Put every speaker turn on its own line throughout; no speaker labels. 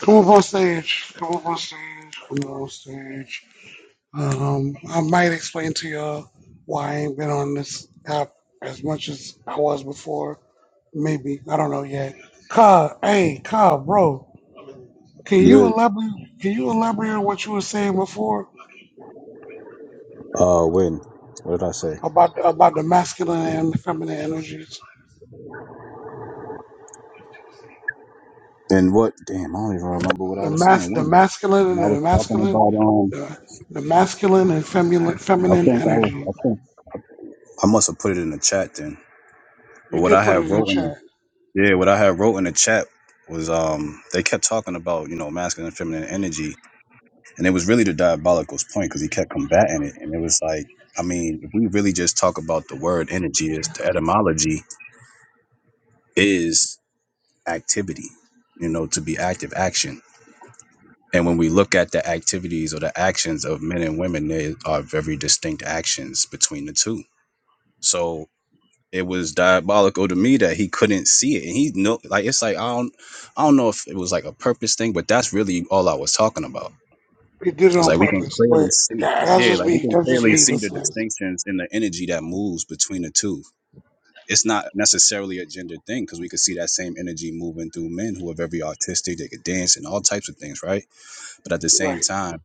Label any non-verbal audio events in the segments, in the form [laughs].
Come up on stage. Come up on stage. Come up on stage. Um, I might explain to y'all why I ain't been on this app as much as I was before. Maybe I don't know yet. Ka, hey, Ka, bro, can you
Yo,
elaborate? Can you elaborate on what you were saying before
uh, when? What did I say?
about about the masculine and the feminine energies?
And what? Damn, I don't even remember what I
The
was saying.
mas, the
When?
masculine
I
and
was
the
talking
masculine,
about, um,
the the masculine and feminine
I
feminine
think I was,
energy.
I think I must have put it in the chat then. But
You
what
did
I
put
had
it in the
wrote in the,
chat.
yeah, what I had wrote in the chat was, um, they kept talking about, you know, masculine and feminine energy, and it was really the diabolical's point because he kept combating it, and it was like, I mean, if we really just talk about the word energy, is the etymology is activity, you know, to be active action And when we look at the activities or the actions of men and women, there are very distinct actions between the two. So it was diabolical to me that he couldn't see it, and he know like it's like I don't I don't know if it was like a purpose thing, but that's really all I was talking about.
They did it
It's
on
like we can
purpose,
clearly
but
see,
that, that's
yeah,
just
like we
me.
can
That's just
clearly
me
see the
listening.
distinctions in the energy that moves between the two. It's not necessarily a gender thing because we could see that same energy moving through men who are very artistic. They could dance and all types of things, right? But at the same
Right,
time,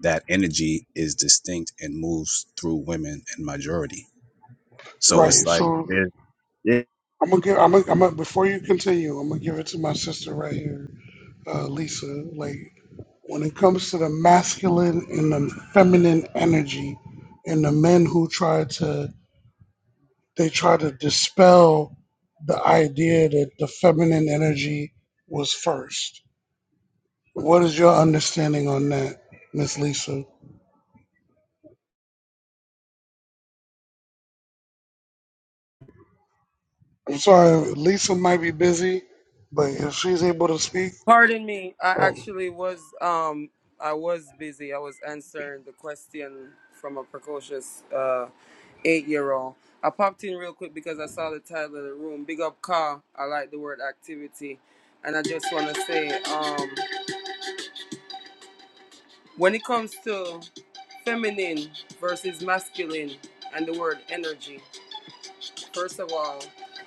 that energy is distinct and moves through women in majority. So it's
right.
like,
So
yeah, yeah,
I'm gonna give. I'm gonna, I'm gonna. Before you continue, I'm gonna give it to my sister right here, uh, Lisa. Like when it comes to the masculine and the feminine energy, and the men who try to, they try to dispel the idea that the feminine energy was first. What is your understanding on that, Miss Lisa? I'm sorry, Lisa might be busy, but if she's able to speak,
Pardon me. I
oh,
actually was um I was busy. I was answering the question from a precocious uh eight year old. I popped in real quick because I saw the title of the room. Big up car. I like the word activity. And I just wanna say, um when it comes to feminine versus masculine and the word energy, first of all,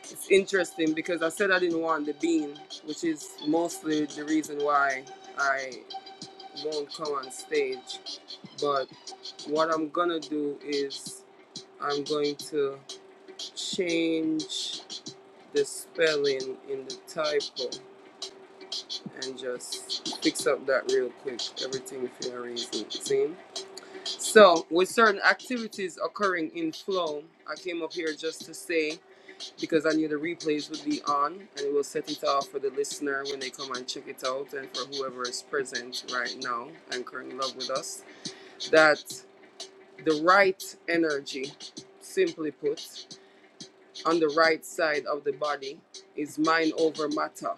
it's interesting because I said I didn't want the bean, which is mostly the reason why I. won't come on stage. But what I'm gonna do is I'm going to change the spelling in the typo and just fix up that real quick. Everything if you're raising. See? So with certain activities occurring in flow, I came up here just to say because I knew the replays would be on and it will set it off for the listener when they come and check it out and for whoever is present right now and currently in love with us that the right energy, simply put, on the right side of the body is mind over matter.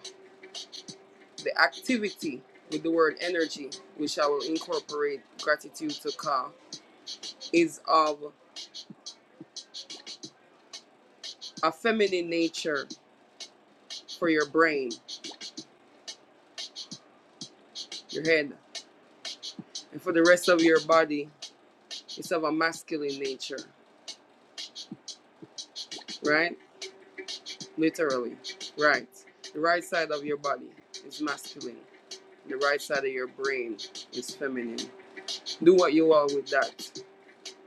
The activity with the word energy, which I will incorporate gratitude to call, is of a feminine nature for your brain, your head, and for the rest of your body, it's of a masculine nature, right? Literally, right. The right side of your body is masculine, the right side of your brain is feminine do what you want with that.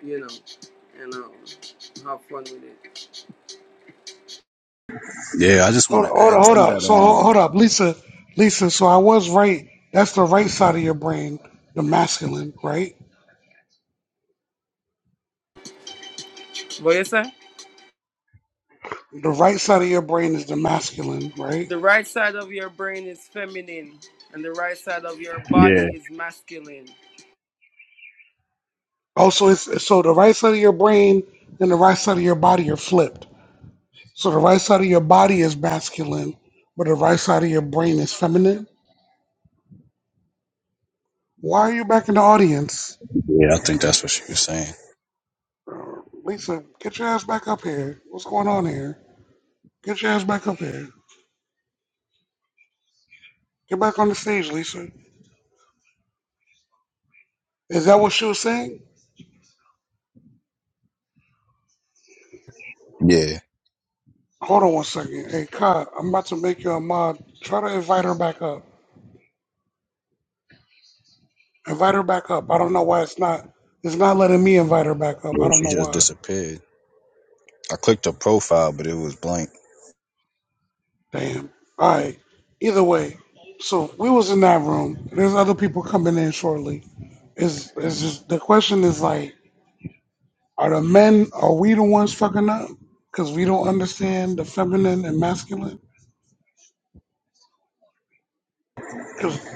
you know, and um, have fun with it.
yeah I just want
hold,
to
hold,
add
hold
to
up.
that.
So hold,
Um,
hold up, Lisa, Lisa. So I was right. That's the right side of your brain, the masculine, right?
What you say?
The right side of your brain is the masculine, right?
The right side of your brain is feminine, and the right side of your body
yeah,
is masculine.
Also, it's so the right side of your brain and the right side of your body are flipped. So the right side of your body is masculine, but the right side of your brain is feminine. Why are you back in the audience?
yeah, I think that's what she was saying.
Uh, Lisa, get your ass back up here. What's going on here? Get your ass back up here. Get back on the stage, Lisa. Is that what she was saying?
Yeah,
Hold on one second. Hey, Kai, I'm about to make you a mod. Try to invite her back up. Invite her back up. I don't know why it's not. It's not letting me invite her back up. I
yeah,
don't
she
know
just
why.
disappeared. I clicked her profile, but it was blank.
Damn. All right. Either way, so we was in that room. There's other people coming in shortly. Is is just the question is like, are the men? Are we the ones fucking up? Because we don't understand the feminine and masculine. Because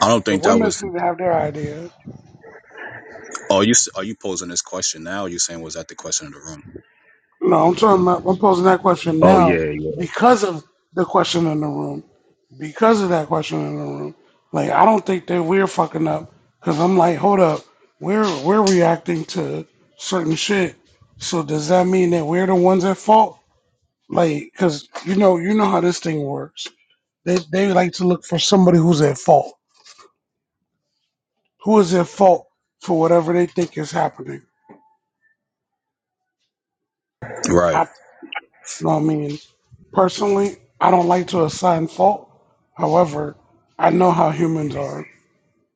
I don't
the
think that
women
was.
seem to have their ideas.
Oh, you are you posing this question now? Or you saying was that the question of the room?
No, I'm talking about, I'm posing that question
Oh
now
yeah, yeah.
because of the question in the room. Because of that question in the room. Like, I don't think that we're fucking up. Because I'm like, hold up. We're, we're reacting to certain shit. So does that mean that we're the ones at fault? Like, because you know, you know how this thing works. They, they like to look for somebody who's at fault. Who is at fault for whatever they think is happening?
Right.
I, know what I mean? Personally, I don't like to assign fault. However, I know how humans are.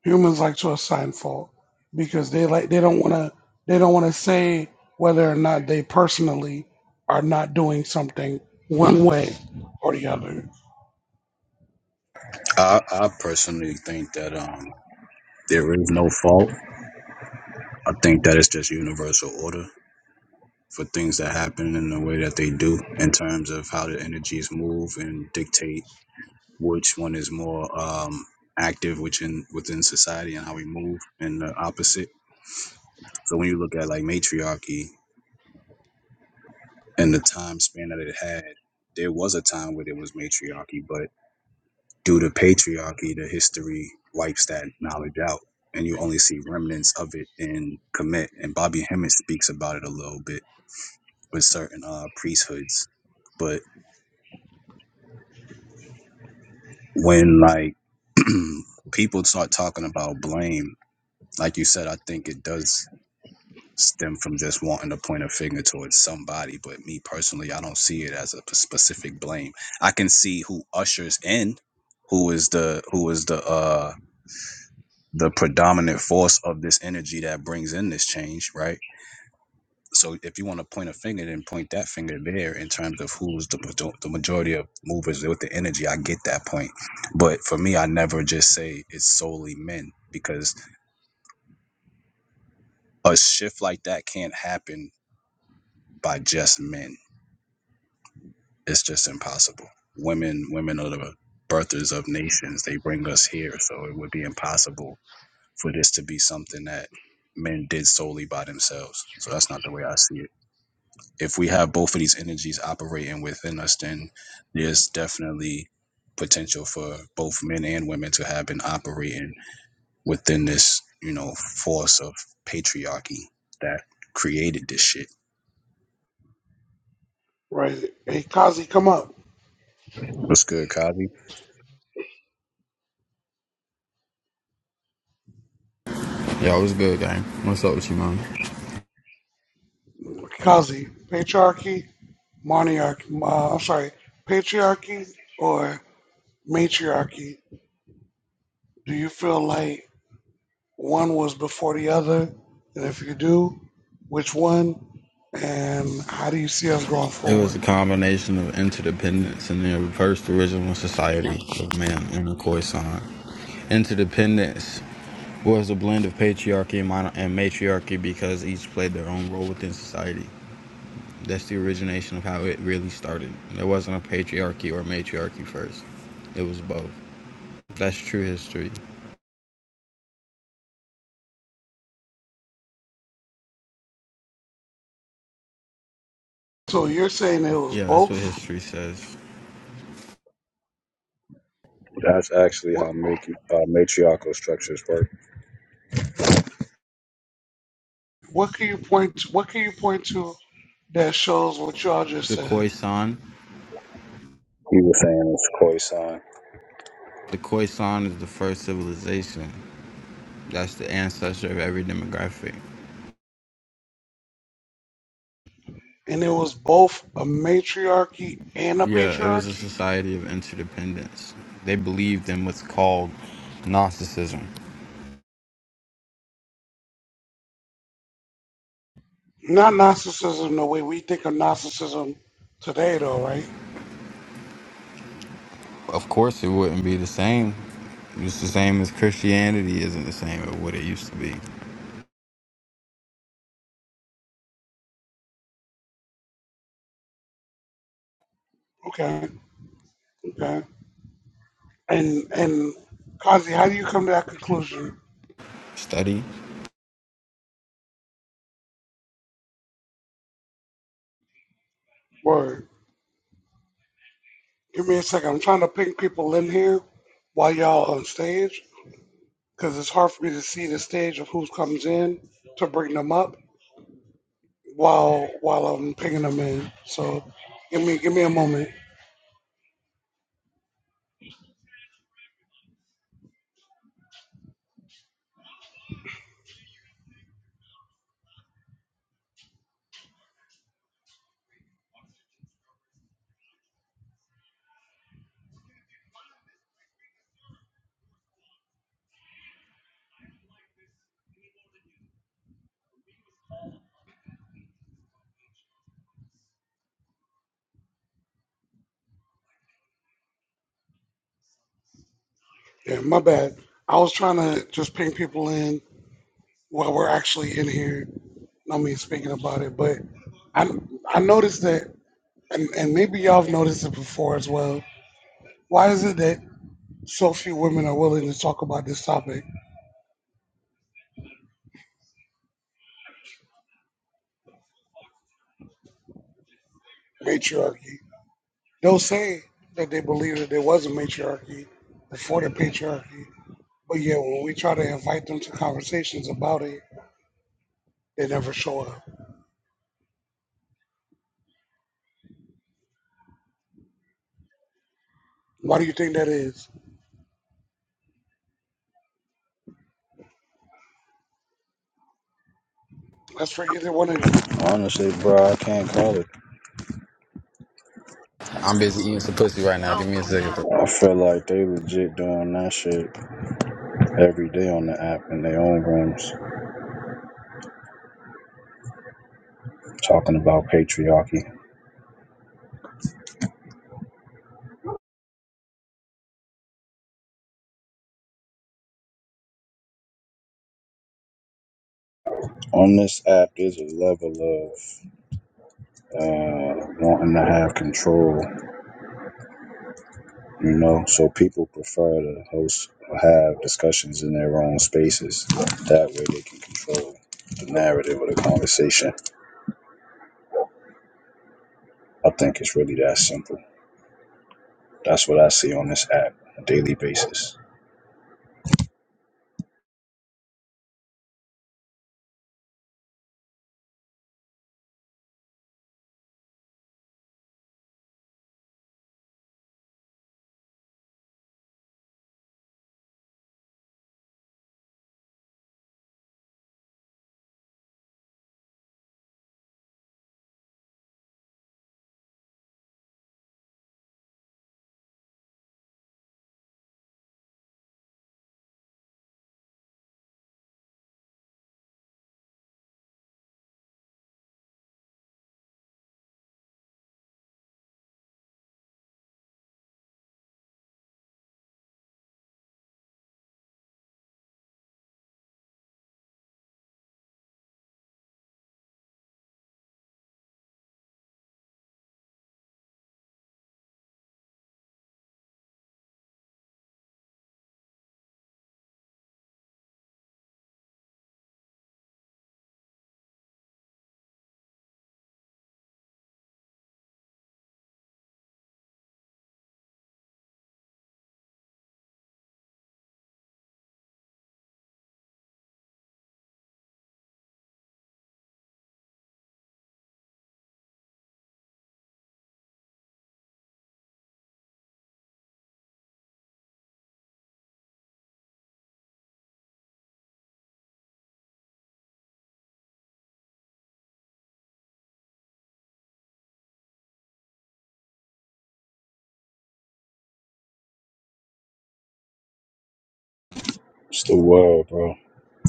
Humans like to assign fault because they like they don't want to they don't want to say whether or not they personally are not doing something one way or the other.
I I personally think that um there is no fault. I think that it's just universal order. for things that happen in the way that they do in terms of how the energies move and dictate which one is more um, active within within society and how we move and the opposite so when you look at like matriarchy and the time span that it had there was a time where there was matriarchy but due to patriarchy the history wipes that knowledge out and you only see remnants of it in commit and bobby hemmett speaks about it a little bit with certain uh priesthoods but. when like [clears throat] people start talking about blame, like you said, I think it does stem from just wanting to point a finger towards somebody. But me personally, I don't see it as a p- specific blame. I can see who ushers in, who is the who is the uh the predominant force of this energy that brings in this change, right? so if you want to point a finger, then point that finger there in terms of who's the majo- the majority of movers with the energy. I get that point, but for me, I never just say it's solely men because a shift like that can't happen by just men. It's just impossible. Women, women are the birthers of nations. They bring us here, so it would be impossible for this to be something that men did solely by themselves. So that's not the way I see it. if we have both of these energies operating within us, then there's definitely potential for both men and women to have been operating within this, you know, force of patriarchy that created this shit.
Right? Hey, Kazi, come up.
What's good, Kazi?
Yo, what's good, gang? What's up with you, man?
Kazi, patriarchy, monarchy. Uh, I'm sorry, patriarchy or matriarchy? Do you feel like one was before the other? And if you do, which one? And how do you see us going
It was a
forward?
combination of interdependence and the first original society of man in the Khoisan. Interdependence was a blend of patriarchy and, mono- and matriarchy because each played their own role within society. That's the origination of how it really started. There wasn't a patriarchy or a matriarchy first. It was both. That's true history.
So you're saying it was
Yeah, that's what
both?
history says.
That's actually
What
how making uh, matriarchal structures work.
what can you point to, what can you point to that shows what y'all just
The
said?
Khoisan.
He was saying it's koi sign.
The Khoisan is the first civilization. That's the ancestor of every demographic.
And it was both a matriarchy and a
Yeah, it was a
patriarchy?
society of interdependence. They believed in what's called Gnosticism.
Not narcissism the way we think of narcissism today though, right?
Of course, it wouldn't be the same. It's the same as Christianity isn't the same as what it used to be.
Okay, okay. And and Kazi, how do you come to that conclusion?
Study.
Word. Give me a second. I'm trying to ping people in here while y'all on stage because it's hard for me to see the stage of who comes in to bring them up while while I'm pinging them in. So give me give me a moment. Yeah, my bad. I was trying to just ping people in while we're actually in here. Not me speaking about it, but I I noticed that, and, and maybe y'all have noticed it before as well. Why is it that so few women are willing to talk about this topic, matriarchy? They'll say that they believe that there was a matriarchy before the patriarchy, but yet when we try to invite them to conversations about it, they never show up. Why do you think that is? That's for either one of you.
Honestly, bro, I can't call it.
I'm busy eating some pussy right now. Give me a second.
I feel like they legit doing that shit every day on the app in their own rooms, talking about patriarchy. On this app, there's a level of uh, wanting to have control, you know. So people prefer to host or have discussions in their own spaces. That way, they can control the narrative of the conversation. I think it's really that simple. That's what I see on this app on a daily basis. It's the world, bro.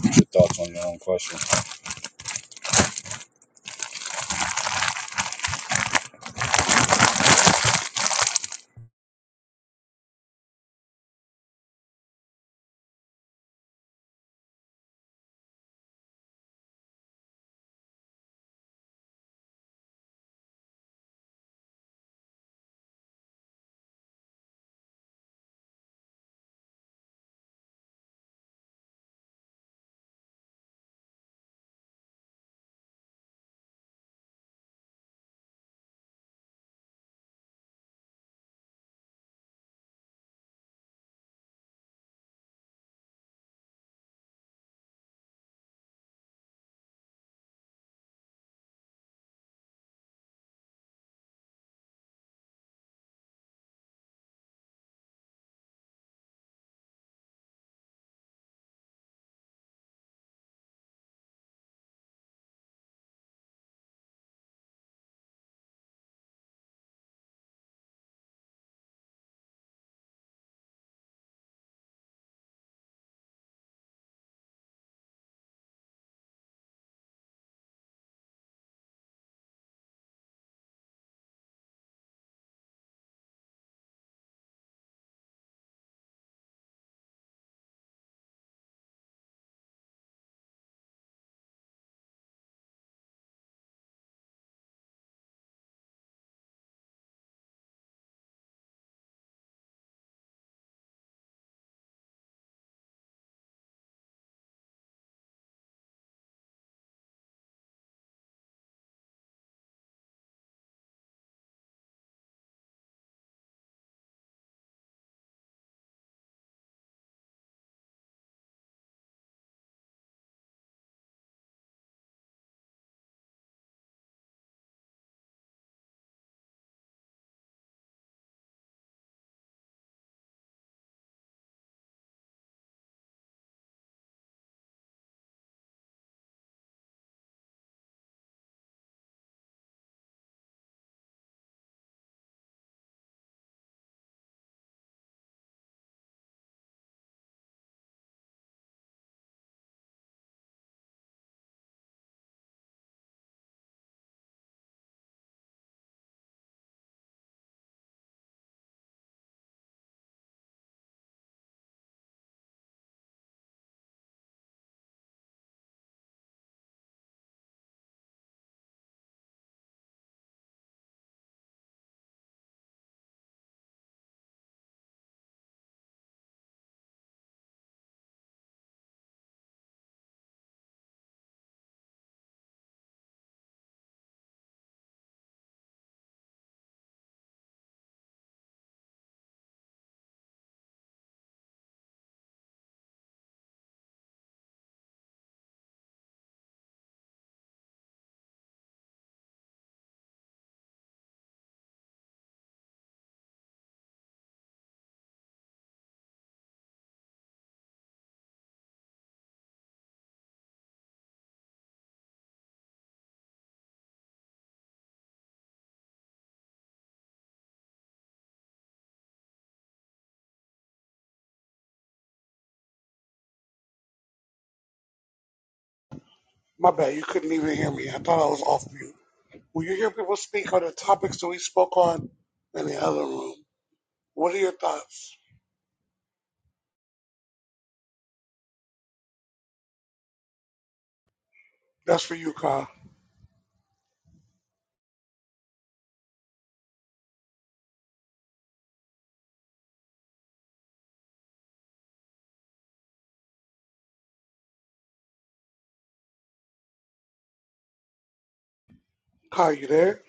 What's your thoughts on your own question?
My bad, you couldn't even hear me. I thought I was off mute. When you hear people speak on the topics that we spoke on in the other room, what are your thoughts? That's for you, Kai. Kai, you there?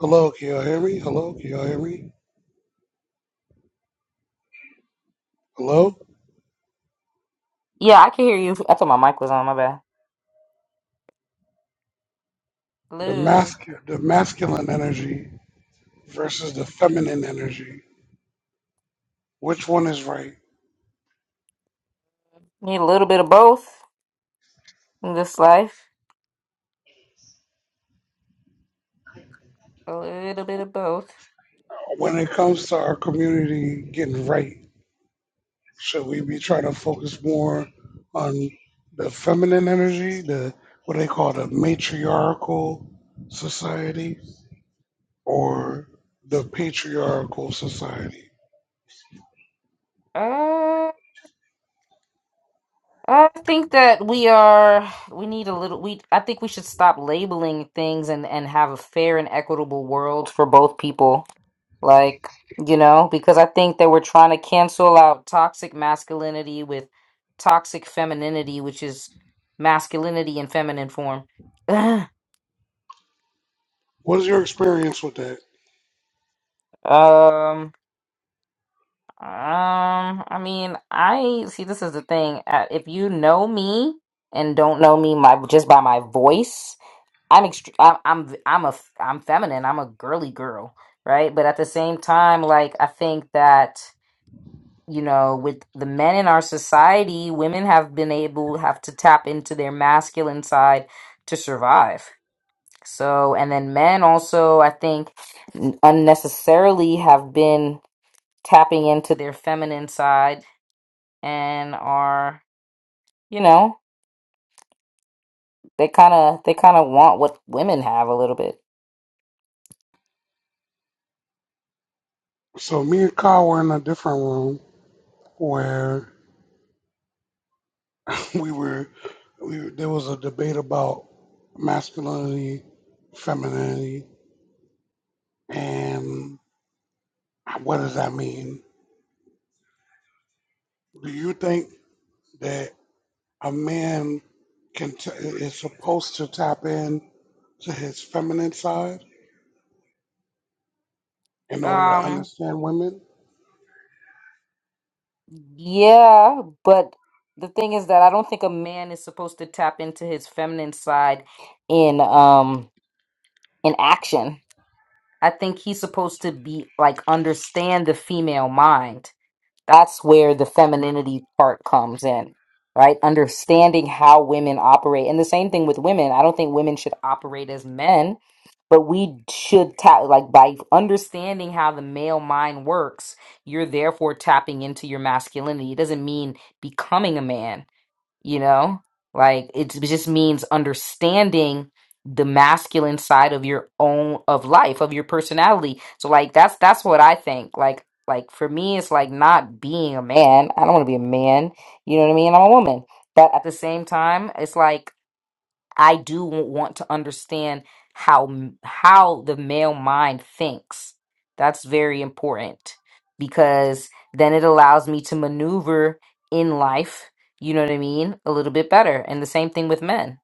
Hello, can you hear me? Hello, can you hear me? Hello?
Yeah, I can hear you. I thought my mic was on. My bad.
The,
Hello.
mascu- the masculine energy versus the feminine energy Which one is right?
Need a little bit of both in this life. A little bit of both.
When it comes to our community getting right, should we be trying to focus more on the feminine energy, the what they call the matriarchal society, or the patriarchal society?
Uh, I think that we are. We need a little. We. I think we should stop labeling things and and have a fair and equitable world for both people. Like you know, because I think that we're trying to cancel out toxic masculinity with toxic femininity, which is masculinity in feminine form. [sighs]
What is your experience with that?
um. Um, I mean, I see this is the thing. Uh, if you know me and don't know me my just by my voice, I'm ext- I'm I'm I'm a f- I'm feminine. I'm a girly girl, right? But at the same time, like I think that you know, with the men in our society, women have been able have to tap into their masculine side to survive. So, and then men also, I think, n- unnecessarily have been tapping into their feminine side and are, you know, they kind of they kind of want what women have a little bit.
So me and Kyle were in a different room where [laughs] we were, we, there was a debate about masculinity, femininity, and what does that mean? Do you think that a man can t- is supposed to tap in to his feminine side in order to
Um,
understand women?
yeah, but the thing is that I don't think a man is supposed to tap into his feminine side in um in action. I think he's supposed to be like understand the female mind that's where the femininity part comes in, right? Understanding how women operate. And the same thing with women. I don't think women should operate as men, but we should tap, like, by understanding how the male mind works, you're therefore tapping into your masculinity. It doesn't mean becoming a man you know like it just means understanding the masculine side of your own of life of your personality so like that's that's what i think like like for me it's like not being a man i don't want to be a man you know what i mean i'm a woman but at the same time it's like I do want to understand how how the male mind thinks. That's very important because then it allows me to maneuver in life, you know what I mean, a little bit better. And the same thing with men.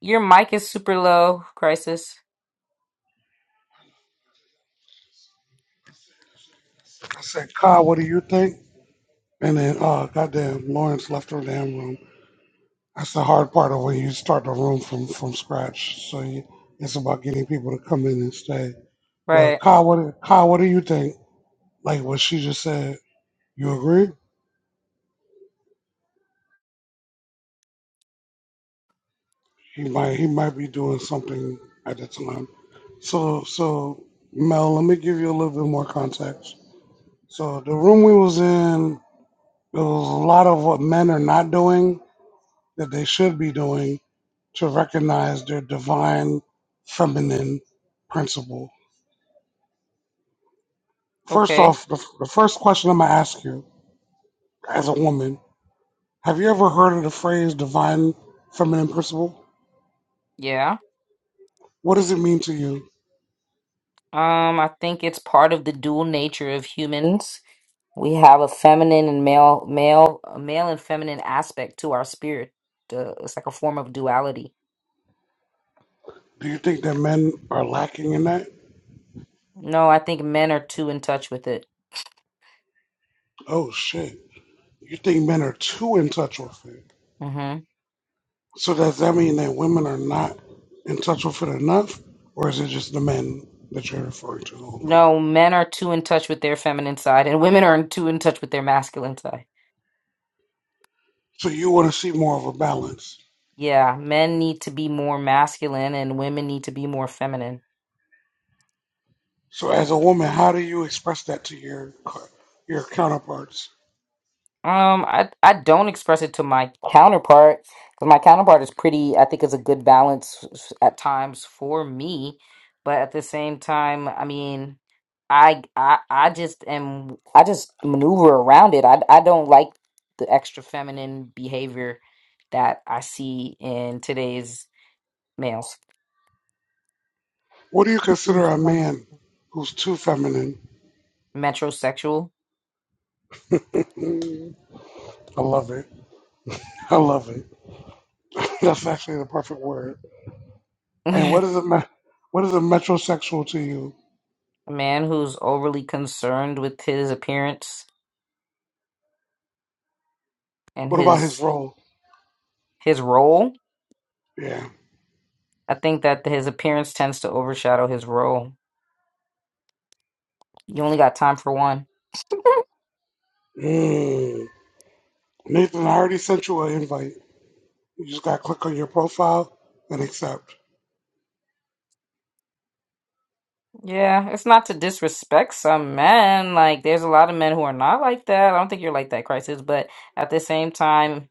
Your mic is super low, crisis.
I said, Kyle, what do you think? And then, oh goddamn, Lawrence left her damn room. That's the hard part of when you start the room from from scratch. So you, it's about getting people to come in and stay.
Right.
But Kyle, what do- Kyle, what do you think? Like what she just said, you agree? He might he might be doing something at the time. So, so Mel, let me give you a little bit more context. So, the room we was in, there was a lot of what men are not doing that they should be doing to recognize their divine feminine principle. First
Okay.
off, the, the first question I'm gonna ask you as a woman: Have you ever heard of the phrase divine feminine principle?
Yeah.
What does it mean to you?
Um I think it's part of the dual nature of humans. We have a feminine and male male a male and feminine aspect to our spirit. Uh, it's like a form of duality
Do you think that men are lacking in that?
No, I think men are too in touch with it.
Oh shit! You think men are too in touch with it?
hmm
So does that mean that women are not in touch with it enough, or is it just the men that you're referring to only?
No, men are too in touch with their feminine side, and women are too in touch with their masculine side.
So you want to see more of a balance.
Yeah, men need to be more masculine, and women need to be more feminine.
So as a woman, how do you express that to your co- your counterparts?
Um, I I don't express it to my counterpart because my counterpart is pretty. I think is a good balance s- at times for me, but at the same time, I mean, I I I just am I just maneuver around it. I I don't like the extra feminine behavior that I see in today's males.
What do you consider a man who's too feminine?
Metrosexual,
Mm, I love it. I love it. [laughs] That's actually the perfect word.
[laughs]
And
a
what is a me- what is a metrosexual to you?
man who's overly concerned with his appearance and
What about his
his
role?
his role.
Yeah.
I think that his appearance tends to overshadow his role. You only got time for one.
Mm. Nathan, I already sent you an invite. You just gotta click on your profile and accept.
Yeah, it's not to disrespect some men. Like, there's a lot of men who are not like that. I don't think you're like that, Crisis. But at the same time,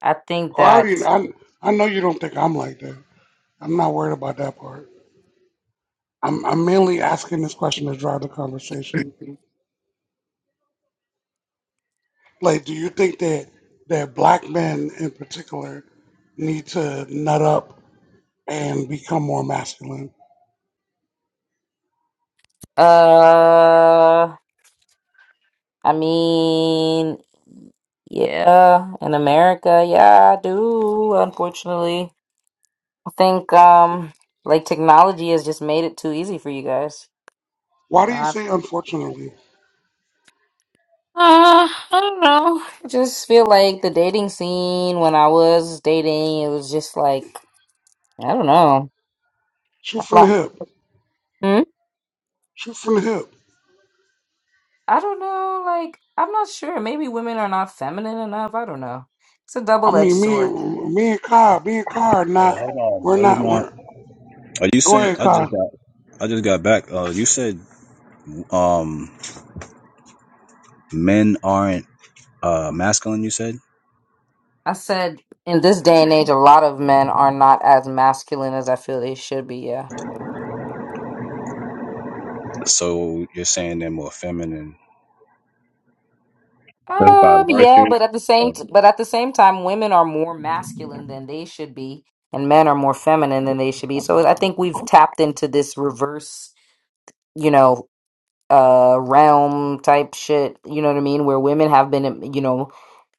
I think
I
that,
already, I, I know you don't think I'm like that. I'm not worried about that part. I'm, I'm mainly asking this question to drive the conversation. Like, do you think that that black men in particular need to nut up and become more masculine?
uh, I mean, yeah, in America, yeah, I do, unfortunately. I think, um, like, technology has just made it too easy for you guys.
Why
You
do you
know,
say unfortunately?
Uh, I don't know. I just feel like the dating scene when I was dating, it was just like, I don't know.
Shoot from
Like-
the hip.
Hmm?
Shoot from the hip.
I don't know. Like, I'm not sure. Maybe women are not feminine enough. I don't know. It's a
I
double-edged
mean, me,
sword.
and me and Kai, me and Kai are
Wait,
not.
hold on.
We're
What
not.
am I?
We're
Are you
go
saying
ahead,
I just
Kai.
got I just got back? Uh, you said um men aren't uh masculine. You said.
I said in this day and age, a lot of men are not as masculine as I feel they should be. Yeah.
So you're saying they're more feminine just by
Um, yeah,
virtue.
but at the same
of-
t but at the same time, women are more masculine than they should be, and men are more feminine than they should be. So I think we've tapped into this reverse you know uh realm type shit you know what i mean where women have been um, you know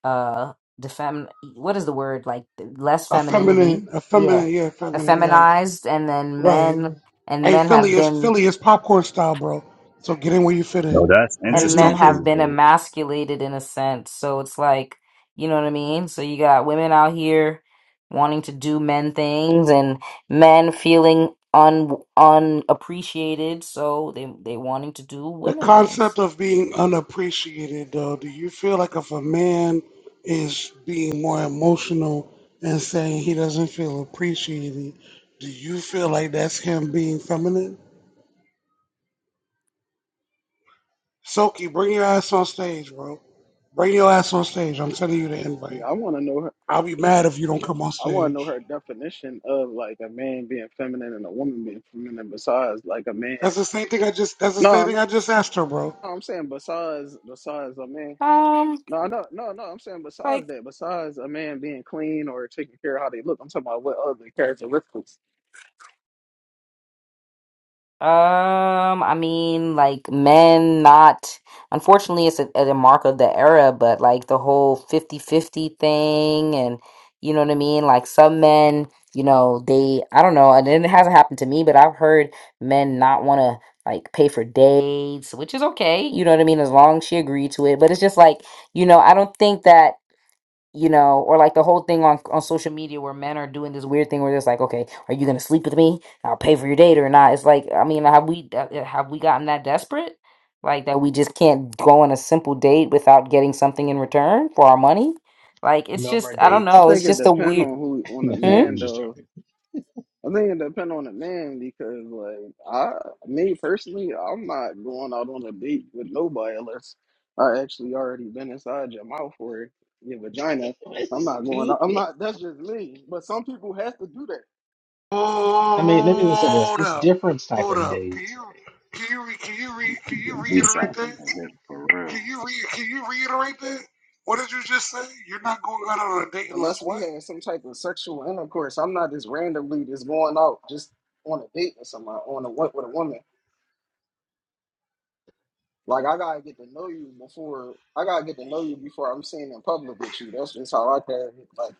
uh defem what is the word like less
Effeminate,
femininity yeah
effeminate, yeah, effeminate, you're right
effeminized and then
Right.
men and
Hey,
men
Philly
have
is
been
Philly is popcorn style, bro. So get in where you fit
No,
in.
that's
There is
and
no
interesting
men
queue.
have
because
been
we
emasculated in a sense so it's like you know what i mean so you got women out here wanting to do men things and men feeling un unappreciated so they they wanting to do
The
women things
concept of being unappreciated, though, do you feel like if a man is being more emotional and saying he doesn't feel appreciated, do you feel like that's him being feminine? Soki, bring your ass on stage, bro. Bring your ass on stage. I'm sending you the
Yeah,
invite.
I want to know her.
I'll be mad if you don't come on
I want to know
stage.
her definition of like a man being feminine and a woman being feminine. Besides, like a man.
That's the same thing I just. That's the same
No,
thing
no,
I just asked her, bro.
no I'm saying besides, besides a man.
Um,
No, no, no, no. I'm saying besides
Like,
that. Besides a man being clean or taking care of how they look. I'm talking about what other characteristics.
um, I mean, like men not, unfortunately, it's a, a mark of the era, but like the whole fifty-fifty thing and you know what I mean? Like some men, you know, they, I don't know, and it hasn't happened to me, but I've heard men not want to like pay for dates, which is okay, you know what I mean, as long as she agreed to it. But it's just like, you know, I don't think that. you know, or like the whole thing on on social media where men are doing this weird thing where it's like, okay, are you gonna sleep with me? I'll pay for your date or not. It's like, I mean, have we uh, uh, have we gotten that desperate? Like that we just can't go on a simple date without getting something in return for our money? Like it's
No more
just, I don't
I
dates.
know,
think
it's
it
just a
depends
weird.
on who
[laughs]
on the
no, no,
Hmm?
I'm
man
just
though.
joking.
I think it depends on the man because, like, I, me personally, I'm not going out on a date with nobody unless I actually already been inside your mouth or your vagina.
[laughs]
I'm
That's
not going out. I'm
stupid.
not. That's just me. But some people have to do that
I mean, let me just say this:
Oh, Hold
it's
up.
different type
Hold
of
up. Can
dates,
you
right?
can you re, can you re, can you
reach
reiterate
from
that?
her hip for real.
Can you re, can you reiterate that? What did you just say? You're not going out on a date unless
unless we
what?
had some type of sexual intercourse. I'm not just randomly just going out just on a date with somebody on a what with a woman. Like I gotta get to know you before I gotta get to know you before I'm seen in public with you. That's just how I can. like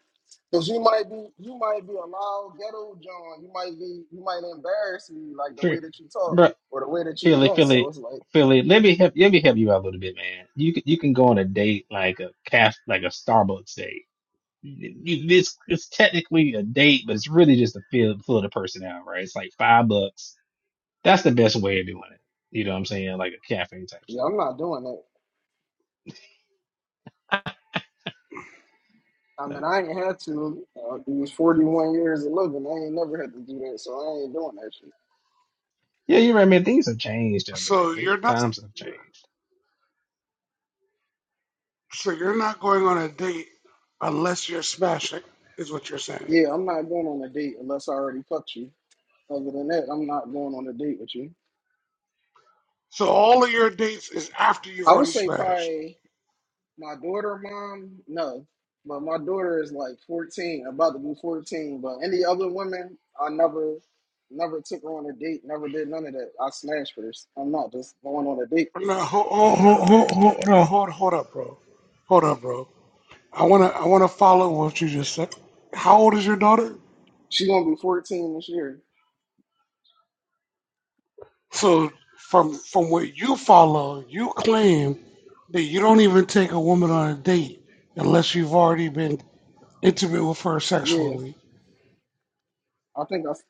Cause you might be, you might be a loud ghetto John. You might be, you might embarrass me like the
True,
way that you talk
bro.
or the way that you
Philly,
dress. So
Philly,
it's like,
Philly. Let me help. Let me help you out a little bit, man. You can you can go on a date like a caf, like a Starbucks date. It's it's technically a date, but it's really just to fill fill the person out, right? It's like five bucks. That's the best way of doing it. You know what I'm saying? Like a cafe type
yeah,
stuff.
I'm not doing that. I
Uh,
mean, I ain't had to uh, these 41 years of living. I ain't never had to do that, so I ain't doing that shit.
yeah, you're right, man. Things have changed, though, bro.
So you're not
Times have changed.
so you're not going on a date unless you're smashing is what you're saying.
Yeah, I'm not going on a date unless I already fucked you. Other than that, I'm not going on a date with you.
So all of your dates is after you've
I would
already
say
smashed.
probably. My daughter, mom, no. But my daughter is like 14, about to be 14. But any other women, I never, never took her on a date, never did none of that. I smashed first. I'm not just going on a date.
No, hold, hold, hold, hold, no, hold, hold up, bro. Hold up, bro. I wanna I wanna follow what you just said. How old is your daughter?
She gonna be 14 this year.
So from from what you follow, you claim that you don't even take a woman on a date unless you've already been intimate with her
Yeah,
sexually.
I think I. s-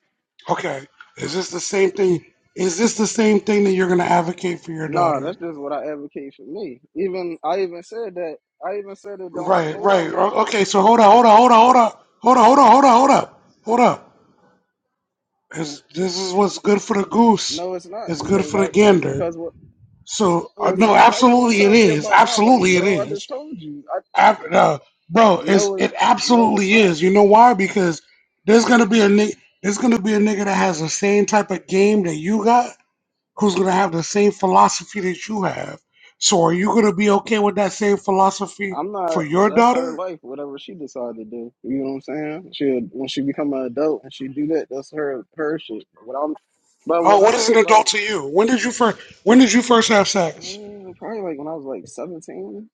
Okay. Is this the same thing? Is this the same thing that you're going to advocate for your
Nah,
daughter?
that's just what I advocate for me. Even I even said that. I even said it. Don't
Right,
hold on,
right.
bro.
O- Okay, so hold on, hold on, hold on, hold on. Hold on, hold on, hold on, hold up. Hold up. Is this is what's good for the goose.
No, it's not
Is good
because
for
I
the gander.
because what.
So,
No,
uh,
it's
no,
not. How you gonna
absolutely it
tell me
is.
about my life,
Absolutely it
bro? I
is.
just told you. I
After, no, bro, it's
no, it-
it
no, it's
absolutely
not.
is. You know why? Because there's gonna be a nigga, there's gonna be a nigga that has the same type of game that you got, who's gonna have the same philosophy that you have. So are you gonna be okay with that same philosophy
I'm
for
not.
your
That's her
daughter?
life. Whatever she decide to do, you know what I'm saying. She will when she become an adult and she do that, that's her her shit. But What I'm, but
Oh,
when
what
I
is an
but
adult to you? When did you first when did you first have sex?
uh, probably like when I was like 17.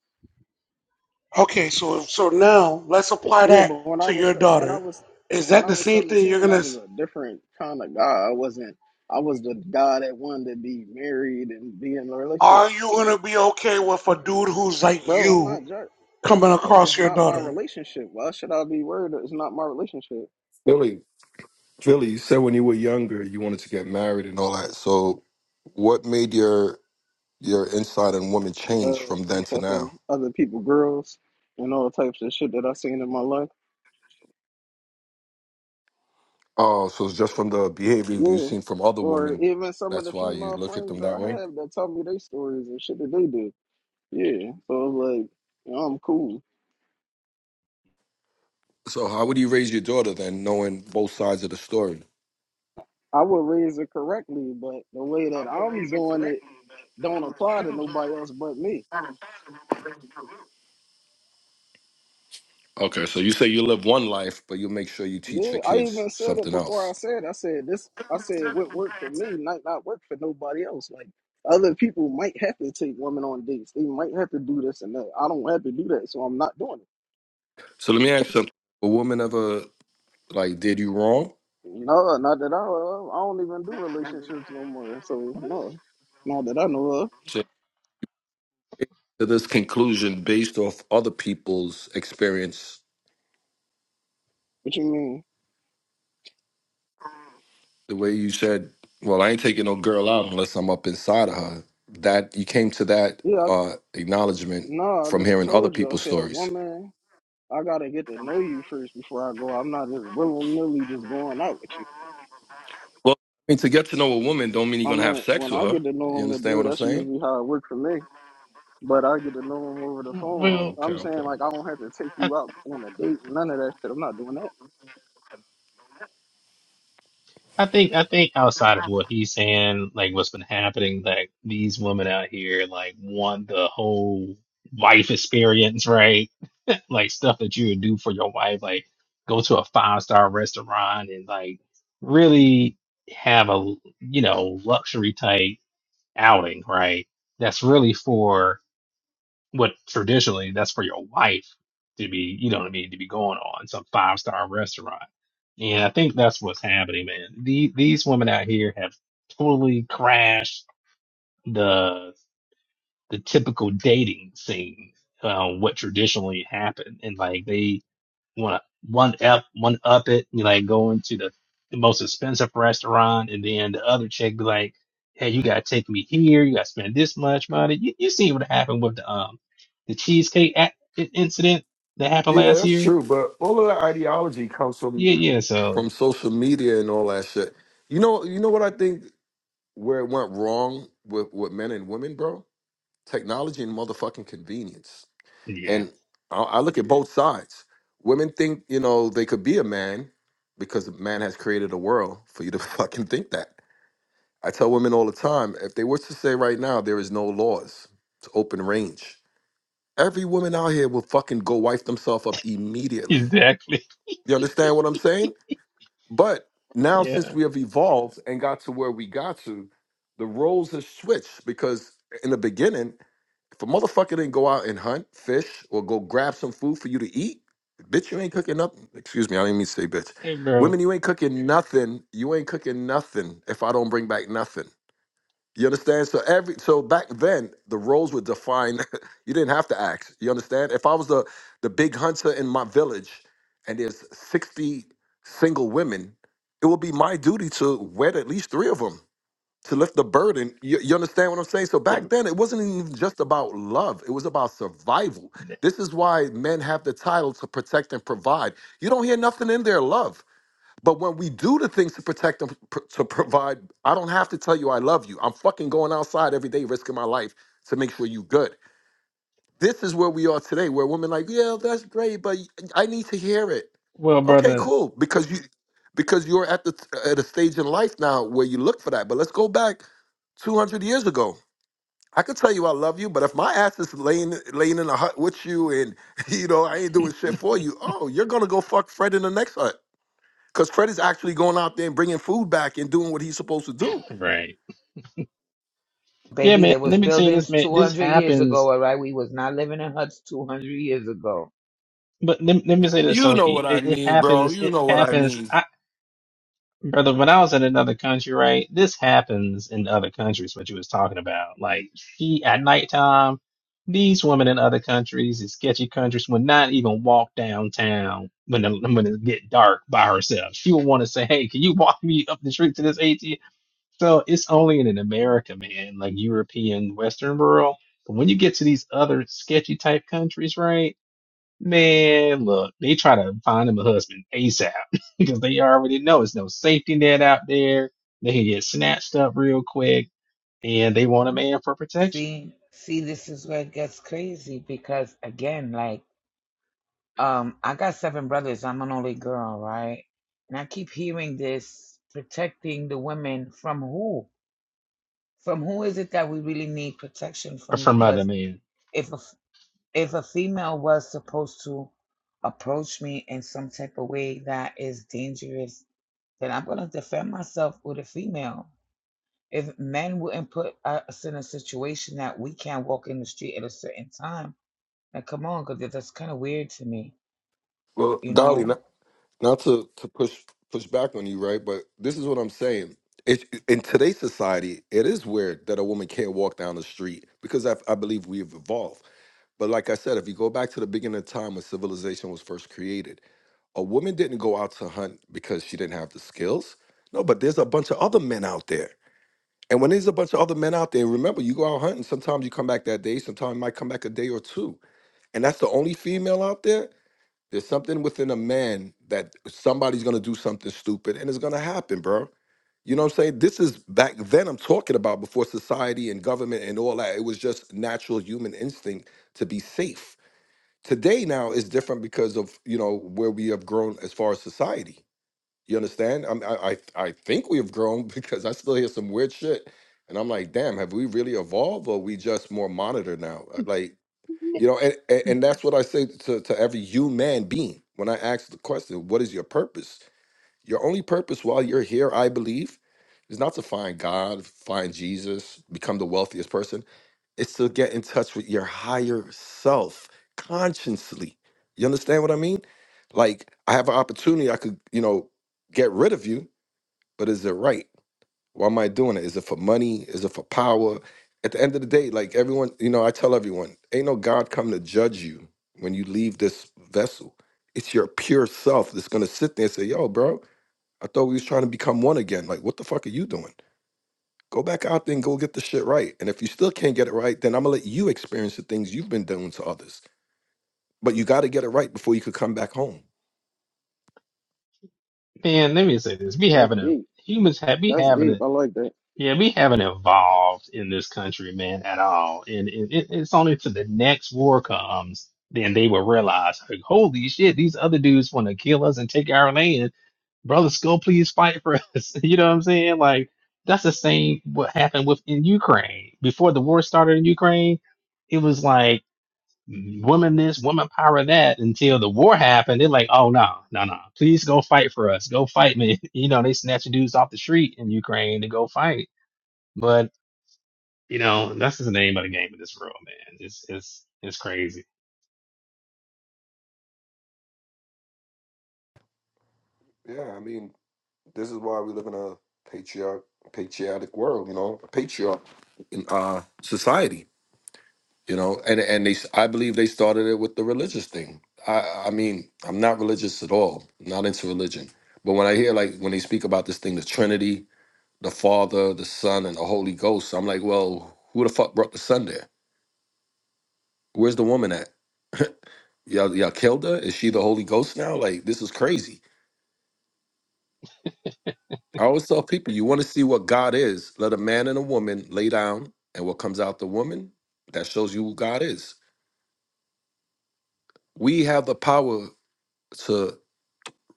Okay, so so now let's apply
Yeah, but
that
when I
to your
was when I
daughter.
was
Is
when
that
I
the
was
same thing you're
17, I
gonna?
was a different kind of guy. I wasn't. I was the guy that wanted to be married and be in a relationship.
Are you gonna be okay with a dude who's like
Bro, I'm
you?
not. ju-
coming across
It's
your
not my
daughter.
relationship. Why should I be worried? It's not my relationship.
Philly, Philly, you said when you were younger you wanted to get married and all that. So, what made your your insight on women
uh,
change from
me
then to
fucking
now?
other people, girls, and all types of shit that i seen in my life.
Oh, so it's just from the behavior you've
Yeah.
seen from other
Or
women.
even some of the
That's why you
female
look at
friends
them
that
that way.
I have that tell me their stories and shit that they do. Yeah. So I'm like, you know, I'm cool.
So, how would you raise your daughter then, knowing both sides of the story?
I would raise it correctly, but the way that I'm doing it don't apply to nobody else but me.
Okay, so you say you live one life, but you make sure you teach
Yeah,
your
I
kids
even said it
something
before I
else.
said. I said this. I said what worked for me might not work for nobody else. Like other people might have to take women on dates. They might have to do this and that. I don't have to do that, so I'm not doing it.
So, let me ask you something: A woman ever like did you wrong?
No, not that I. know of. I don't even do relationships no more. So
What?
no, not that I know of.
So, to this conclusion based off other people's experience
What you mean?
the way you said, "Well, I ain't taking no girl out unless I'm up inside of her." That you came to that
Yeah, I,
uh, acknowledgement
no. I
from
just
hearing other
told you. I
people's
said a
stories.
woman. I gotta get to know you first before I go. I'm not just willy nilly just going out with you.
Well, I mean, to get to know a woman don't mean you're
I
gonna have
mean,
sex
when
with
I
her.
get to know
You
him to
understand
do,
what I'm
that's
saying?
usually how it worked for me. but I get to know him over the phone.
Oh,
Well,
okay,
I'm saying
okay.
like I don't have to take
I,
you out on a date, none of that shit. I'm not doing that.
I think I think outside of what he's saying, like what's been happening, like these women out here like want the whole life experience, right? like stuff that you would do for your wife, like go to a five star restaurant and like really have a you know luxury type outing, right? That's really for what traditionally that's for your wife to be, you know what I mean, to be going on some five star restaurant. And I think that's what's happening, man. The, these women out here have totally crashed the the typical dating scene, uh, what traditionally happened, and like they you want to one up one up it, you like going to the, the most expensive restaurant, and then the other chick be like, "Hey, you gotta take me here. You gotta spend this much money." You, you see what happened with the um the cheesecake a- i- incident that happened
Yeah,
last
that's
year?
true. But all of that ideology, can-
Yeah, yeah. So
From social media and all that shit. You know, you know what I think where it went wrong with with men and women, bro? Technology and motherfucking convenience.
yeah,
and I, I look at both sides. Women think you know they could be a man because man has created a world for you to [laughs] fucking think that. I tell women all the time if they were to say right now there is no laws, it's open range. Every woman out here will fucking go wife themselves up
[laughs]
immediately.
exactly.
You understand what I'm saying? But now since
Yeah,
we have evolved and got to where we got to, the roles have switched because in the beginning if a motherfucker didn't go out and hunt, fish, or go grab some food for you to eat, bitch, you ain't cooking up. Excuse me, I didn't mean to say bitch.
hey,
Women,
bro.
you ain't cooking nothing. You ain't cooking nothing if I don't bring back nothing. You understand? So every so back then the roles were defined. [laughs] you didn't have to ask. You understand? If I was the the big hunter in my village and there's 60 single women, it would be my duty to wed at least three of them to lift the burden. You, you understand what I'm saying? So
Yeah.
back then, it wasn't even just about love, it was about survival. This is why men have the title to protect and provide. You don't hear nothing in there, love. But when we do the things to protect and pr- to provide, I don't have to tell you I love you. I'm fucking going outside every day, risking my life to make sure you good. This is where we are today, where women like, yeah, that's great, but I need to hear it.
Well,
Okay,
brother.
cool, because you because you're at the at a stage in life now where you look for that. But let's go back 200 years ago. I could tell you I love you, but if my ass is laying laying in a hut with you and [laughs] you know I ain't doing shit for you, oh, you're gonna go fuck Fred in the next hut because Fred is actually going out there and bringing food back and doing what he's supposed to do.
Right. Yeah,
Baby,
man.
there
Let
was
me say this,
buildings
man. This
200 years
happens.
ago, all right? We was not living in huts 200 years ago.
But let, let me say this,
You know
Soki.
what I
It, it
mean, bro.
happens.
You
It
know what I
happens.
mean.
Brother, when I was in another country, right, this happens in other countries, what you was talking about. Like, she, at nighttime, these women in other countries, in sketchy countries, would not even walk downtown when, the, when it get dark by herself. She would want to say, hey, can you walk me up the street to this ATM? So it's only in America, man, like European, Western world. But when you get to these other sketchy type countries, right? Man, look, they try to find him a husband ASAP [laughs] because they already know it's no safety net out there. They can get snatched up real quick and they want a man for protection
See, see, this is where it gets crazy because again, like, um, I got seven brothers. I'm an only girl, right? And I keep hearing this protecting the women from who? From who is it that we really need protection
or
from?
from other
Because
men.
if a, f- if a female was supposed to approach me in some type of way that is dangerous, then I'm gonna defend myself with a female. If men wouldn't put us in a situation that we can't walk in the street at a certain time, like come on, because that's kind of weird to me,
Well,
you
Dolly,
know.
not, not to, to push push back on you, right? But this is what I'm saying. It, in today's society, it is weird that a woman can't walk down the street because I, I believe we have evolved. But like I said, if you go back to the beginning of time when civilization was first created, a woman didn't go out to hunt because she didn't have the skills. No, but there's a bunch of other men out there. And when there's a bunch of other men out there, remember, you go out hunting, sometimes you come back that day, sometimes you might come back a day or two. And that's the only female out there. There's something within a man that somebody's gonna do something stupid and it's gonna happen, bro. You know what I'm saying? This is back then I'm talking about before society and government and all that. It was just natural human instinct to be safe. Today now is different because of you know where we have grown as far as society. You understand? I'm, I I I think we have grown [laughs] because I still hear some weird shit, and I'm like, damn, have we really evolved or we just more monitored now? Uh, Like you know, and, and, and that's what I say to, to every human being when I ask the question, what is your purpose? Your only purpose while you're here, I believe, is not to find God, find Jesus, become the wealthiest person. It's to get in touch with your higher self consciously. You understand what I mean? Like, I have an opportunity, I could, you know, get rid of you, but is it right? Why am I doing it? Is it for money? Is it for power? At the end of the day, like everyone, you know, I tell everyone, ain't no God come to judge you when you leave this vessel. It's your pure self that's gonna sit there and say, yo, bro, I thought we was trying to become one again. Like, what the fuck are you doing? Go back out there and go get the shit right. And if you still can't get it right, then I'm gonna let you experience the things you've been doing to others. But you gotta get it right before you could come back home.
Man, let me say this. We
That's
having a
deep.
humans have be
That's
having a
deep. I like that.
Yeah, we haven't evolved in this country, man, at all. And it, it, it's only to the next war comes, then they will realize, like, holy shit, these other dudes want to kill us and take our land. Brothers, go please fight for us. [laughs] You know what I'm saying? Like, that's the same what happened with in Ukraine. Before the war started in Ukraine, it was like women this, women power that until the war happened. They're like, oh, no, no, no, please go fight for us. Go fight me. [laughs] You know, they snatch dudes off the street in Ukraine to go fight but you know, that's just the name of the game in this world, man. It's it's it's crazy.
Yeah, I mean, This is why we live in a patriarch patriotic world, you know, a patriarch in uh society, you know. And and they I believe they started it with the religious thing. I I mean, I'm not religious at all. not into religion. But when I hear like when they speak about this thing, the Trinity, the Father, the Son, and the Holy Ghost, I'm like, well, who the fuck brought the Son there? Where's the woman at? Y'all, y'all killed her? Is she the Holy Ghost now? Like, this is crazy. I always tell people, you want to see what God is. Let a man and a woman lay down, and what comes out the woman, that shows you who God is. We have the power to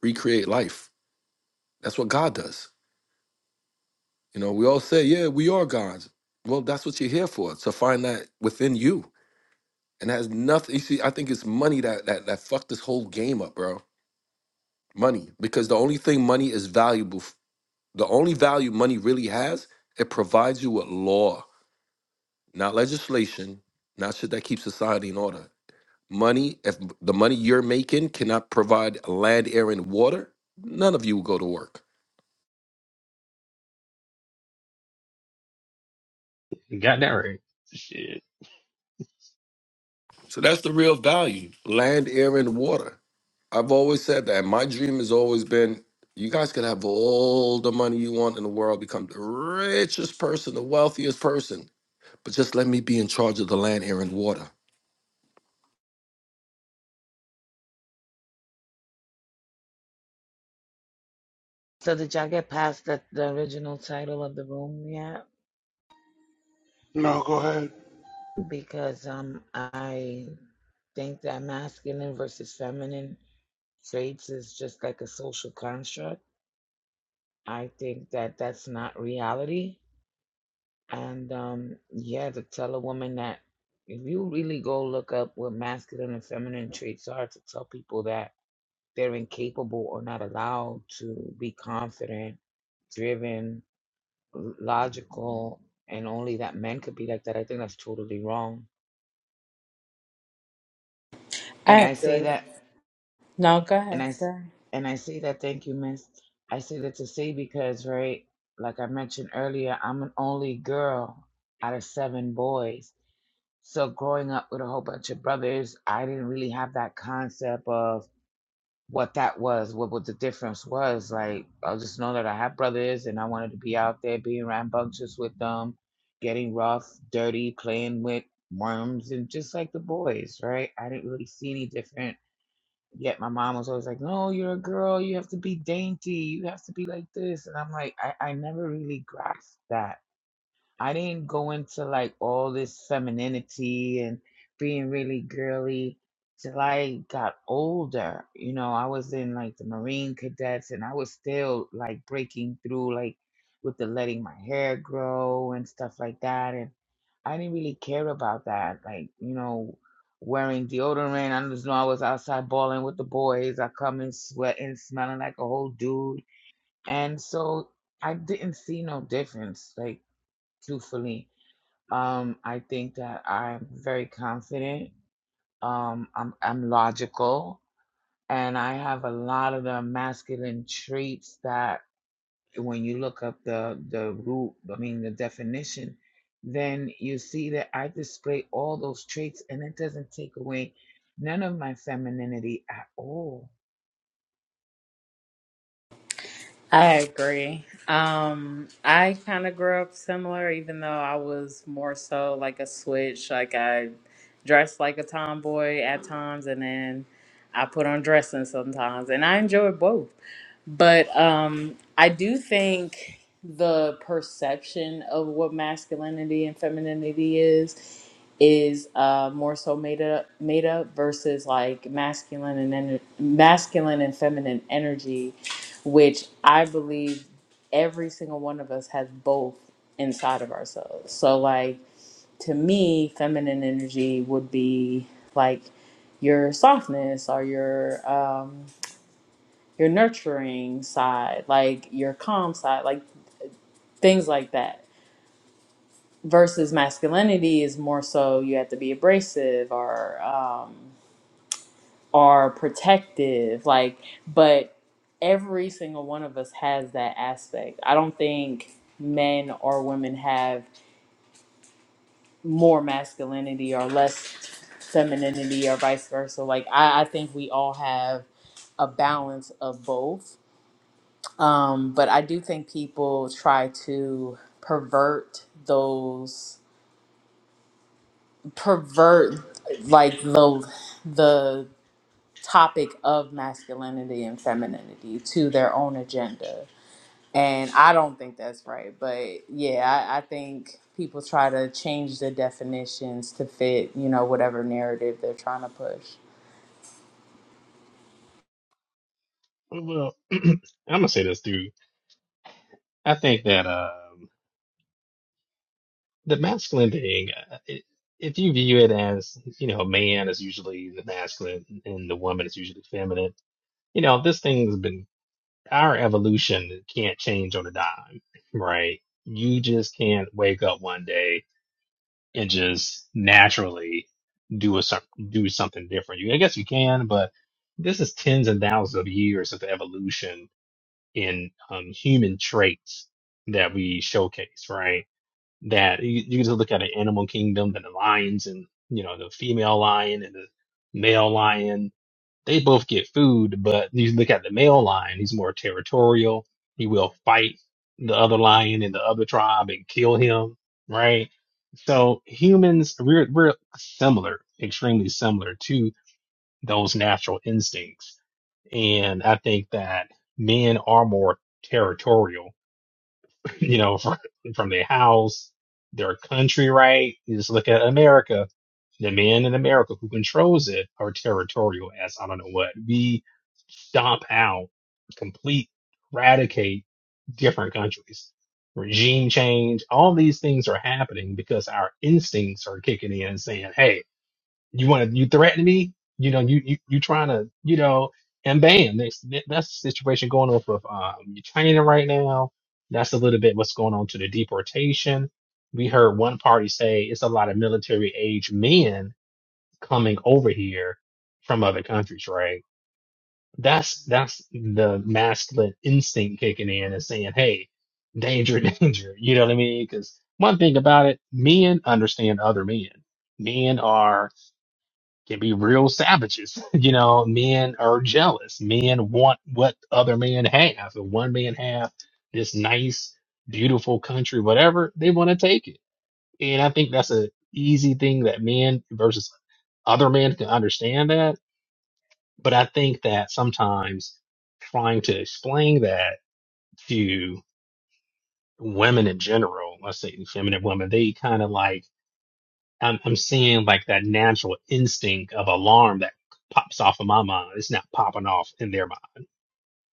recreate life. That's what God does. You know, we all say, yeah, we are gods. Well, that's what you're here for, to find that within you. And that has nothing. You see, I think it's money that that that fucked this whole game up, bro. Money, because the only thing money is valuable, f- the only value money really has, it provides you with law not legislation, not shit that keeps society in order. Money, if the money you're making cannot provide land, air, and water, none of you will go to work.
You got that right. Shit.
So that's the real value land, air, and water. I've always said that. My dream has always been you guys could have all the money you want in the world, become the richest person, the wealthiest person, but just let me be in charge of the land, air, and water.
So did y'all get past the, the original title of the room yet?
No, go ahead.
Because um, I think that masculine versus feminine traits is just like a social construct. I think that that's not reality. And um, yeah, to tell a woman that if you really go look up what masculine and feminine traits are, to tell people that they're incapable or not allowed to be confident, driven, l- logical, and only that men could be like that, I think that's totally wrong.
I
And I say
agree.
that,
No, go
and
ahead.
I,
Go
s- and I say that, thank you, miss. I say that to say because, right, like I mentioned earlier, I'm an only girl out of seven boys So growing up with a whole bunch of brothers, I didn't really have that concept of what that was, what, what the difference was. Like I just know that I had brothers and I wanted to be out there being rambunctious with them, getting rough, dirty, playing with worms and just like the boys, right? I didn't really see any different. Yet my mom was always like, No, you're a girl, you have to be dainty, you have to be like this and I'm like, I, I never really grasped that I didn't go into like all this femininity and being really girly till I got older. You know, I was in like the Marine cadets and I was still like breaking through like with the letting my hair grow and stuff like that. And I didn't really care about that. Like, you know, wearing deodorant. I just know I was outside balling with the boys. I come in sweating, smelling like a whole dude. And so I didn't see no difference, like truthfully um, I think that I'm very confident. Um, I'm I'm logical, and I have a lot of the masculine traits that when you look up the the root, I mean the definition, then you see that I display all those traits, and it doesn't take away none of my femininity at all.
I agree. Um, I kind of grew up similar, even though I was more so like a switch. Like I dressed like a tomboy at times, and then I put on dressing sometimes, and I enjoyed both. But um, I do think the perception of what masculinity and femininity is is uh, more so made up, made up versus like masculine and ener- masculine and feminine energy which I believe every single one of us has both inside of ourselves. So, like, to me, feminine energy would be like your softness or your um, your nurturing side, like your calm side, like things like that. Versus masculinity is more so you have to be abrasive or um, are protective like but every single one of us has that aspect i don't think men or women have more masculinity or less femininity or vice versa like i, I think we all have a balance of both um, but i do think people try to pervert those pervert like the the topic of masculinity and femininity to their own agenda. And I don't think that's right. But yeah, I, I think people try to change the definitions to fit, you know, whatever narrative they're trying to push.
Well, [clears throat] I'm gonna say this, dude. I think that um, the masculine thing, uh, i if you view it as you know, man is usually the masculine and the woman is usually feminine. You know, this thing's been our evolution can't change on a dime, right? You just can't wake up one day and just naturally do a some- do something different. You, I guess you can, but this is tens and thousands of years of evolution in um, human traits that we showcase, right? That you, you just look at an animal kingdom, then the lions and you know the female lion and the male lion they both get food, but you look at the male lion, he's more territorial. He will fight the other lion in the other tribe and kill him, right? So humans, we're, we're similar, extremely similar to those natural instincts. And I think that men are more territorial [laughs] you know, from, from their house, their country, right? You just look at America. The men in America who controls it are territorial as I don't know what. We stomp out, complete, eradicate different countries. Regime change, all these things are happening because our instincts are kicking in and saying, "Hey." You want to, you threaten me? You know, you, you, you trying to, you know, and bam, that's, that's the situation going on with um, China right now. That's a little bit what's going on to the deportation. We heard one party say it's a lot of military age men coming over here from other countries, right? That's, that's the masculine instinct kicking in and saying, Hey, danger, [laughs] danger. You know what I mean? Cause one thing about it, men understand other men. Men are can be real savages. [laughs] You know, men are jealous. Men want what other men have. If one man have this nice, beautiful country, whatever, they want to take it. And I think that's a easy thing that men versus other men can understand that. But I think that sometimes trying to explain that to women in general, let's say feminine women, they kind of like I'm, I'm seeing like that natural instinct of alarm that pops off of my mind. It's not popping off in their mind,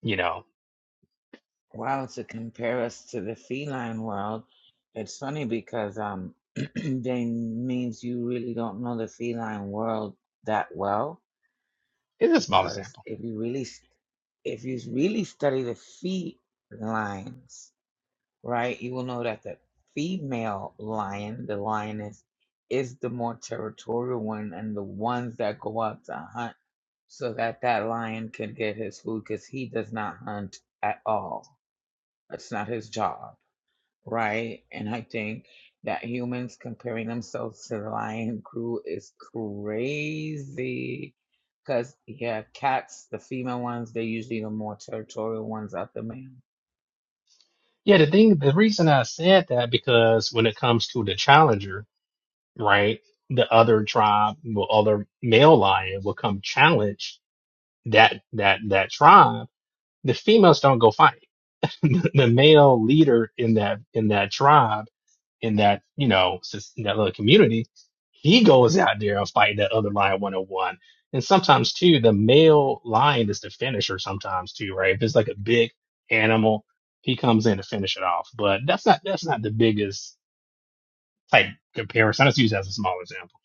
you know.
Wow, to compare us to the feline world, it's funny because um, [clears throat] they means you really don't know the feline world that well.
It's a small
Because
example.
if you really, s- if you really study the felines, right, you will know that the female lion, the lioness, is the more territorial one, and the ones that go out to hunt so that that lion can get his food, because he does not hunt at all. That's not his job right? And I think that humans comparing themselves to the lion crew is crazy. Because, yeah, cats, the female ones, they're usually the more territorial ones out the male.
Yeah, the thing, the reason I said that because when it comes to the challenger, right, the other tribe, well, other male lion will come challenge that that that tribe. The females don't go fight. [laughs] the male leader in that in that tribe in that you know sus- in that little community he goes out there and fight that other lion one on one. and sometimes too the male lion is the finisher sometimes too right if it's like a big animal he comes in to finish it off but that's not that's not the biggest type comparison i just use that as a small example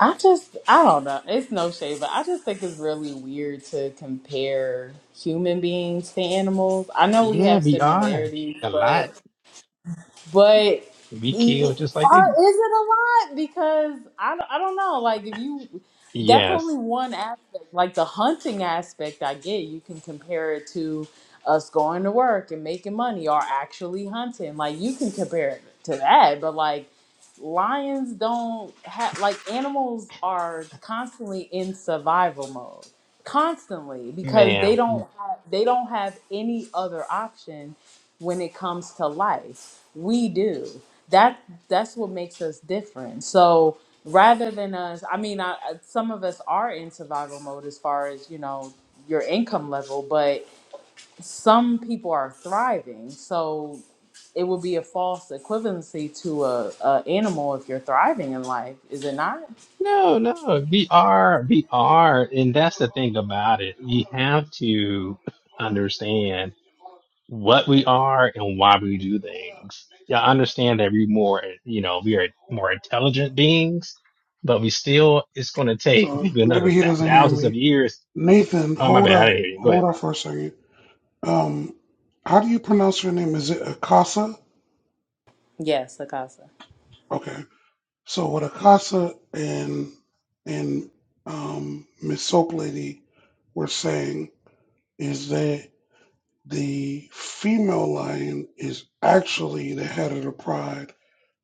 I just, I don't know. It's no shade, but I just think it's really weird to compare human beings to animals. I know we
yeah
have
we are
similarities,
a
but.
lot
But
we
y-
kill just like they do
or is it a lot? Because I don't, I don't know. Like if you, that's only
yes
one aspect. Like the hunting aspect, I get. You can compare it to us going to work and making money or actually hunting. Like you can compare it to that. But like lions don't have like animals are constantly in survival mode constantly because they
man
don't have, they don't have any other option when it comes to life. We do. That that's what makes us different. So rather than us, I mean, I, I- some of us are in survival mode as far as you know your income level, but some people are thriving. So it would be a false equivalency to a, a animal if you're thriving in life, is it not?
No, no, we are, we are, and that's the thing about it. We have to understand what we are and why we do things. Yeah, I understand that we're more, you know, we are more intelligent beings, but we still, it's going to take [laughs]
So
maybe another
maybe he
th
doesn't hear
thousands of
me.
years.
Nathan,
Oh, my
hold
bad, I didn't
up.
hear you. Go ahead,
Hold
bro.
up for a second. Um, how do you pronounce your name? Is it Akasa?
Yes, Akasa.
Okay. So what Akasa and and um Miss Soap Lady were saying is that The female lion is actually the head of the pride.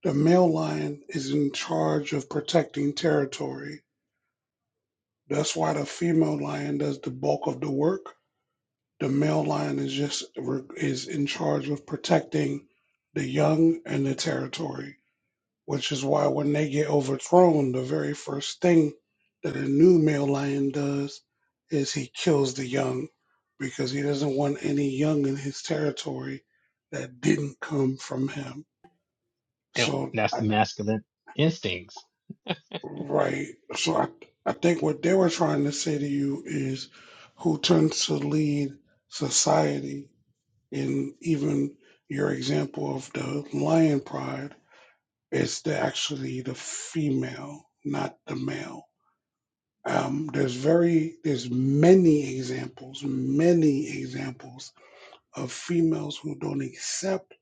The male lion is in charge of protecting territory. That's why the female lion does the bulk of the work. The male lion is just is in charge of protecting the young and the territory which is why when they get overthrown, the very first thing that a new male lion does is he kills the young because he doesn't want any young in his territory that didn't come from him.
Yeah,
So,
That's
I,
the masculine instincts.
right. So, I, I think what they were trying to say to you is who tends to lead society in even your example of the lion pride is the, actually the female, not the male Um, there's very there's many examples, many examples of females who don't accept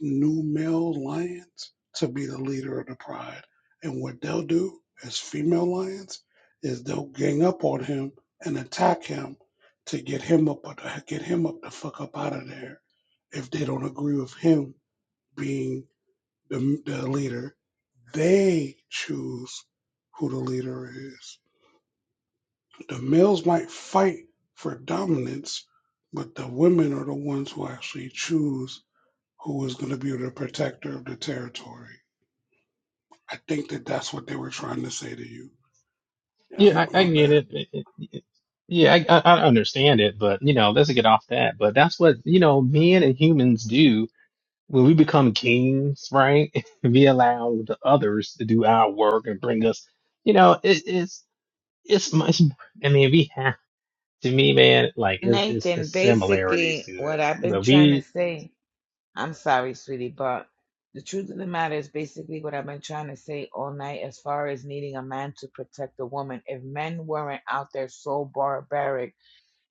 new male lions to be the leader of the pride. And what they'll do as female lions is they'll gang up on him and attack him to get him up uh, get him up the fuck up out of there if they don't agree with him being the, the leader. They choose who the leader is the males might fight for dominance, but the women are the ones who actually choose who is going to be the protector of the territory. I think that that's what they were trying to say to you. Yeah,
Yeah, I, I
my
get
bad.
it. It- it- it- Yeah, I, I I understand it, but you know, let's get off that. But that's what, you know, men and humans do when we become kings, right? [laughs] we allow the others to do our work and bring us, you know, it, it's it's much. I mean, we have to me, man. Like, it's it's the
Nathan,
similarities
basically,
to
what
it,
I've been
but
trying to
we
say, I'm sorry, sweetie, but the truth of the matter is basically what I've been trying to say all night as far as needing a man to protect a woman. If men weren't out there so barbaric,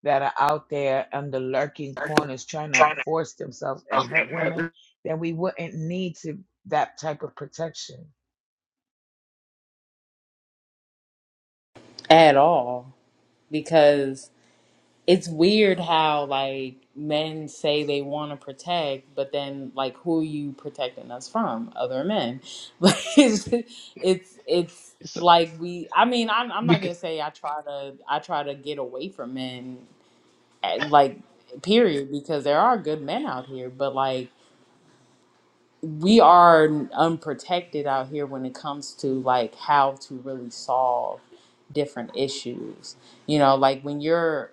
that are out there on the lurking corners trying to force themselves and hurt women, then we wouldn't need to that type of protection.
At all, because it's weird how like men say they want to protect, but then like who are you protecting us from? Other men. [laughs] Like it's it's it's
so
like we. I mean, I'm I'm not gonna
because
say I try to I try to get away from men, eh, like period, because there are good men out here, but like we are unprotected out here when it comes to like how to really solve different issues you know like when you're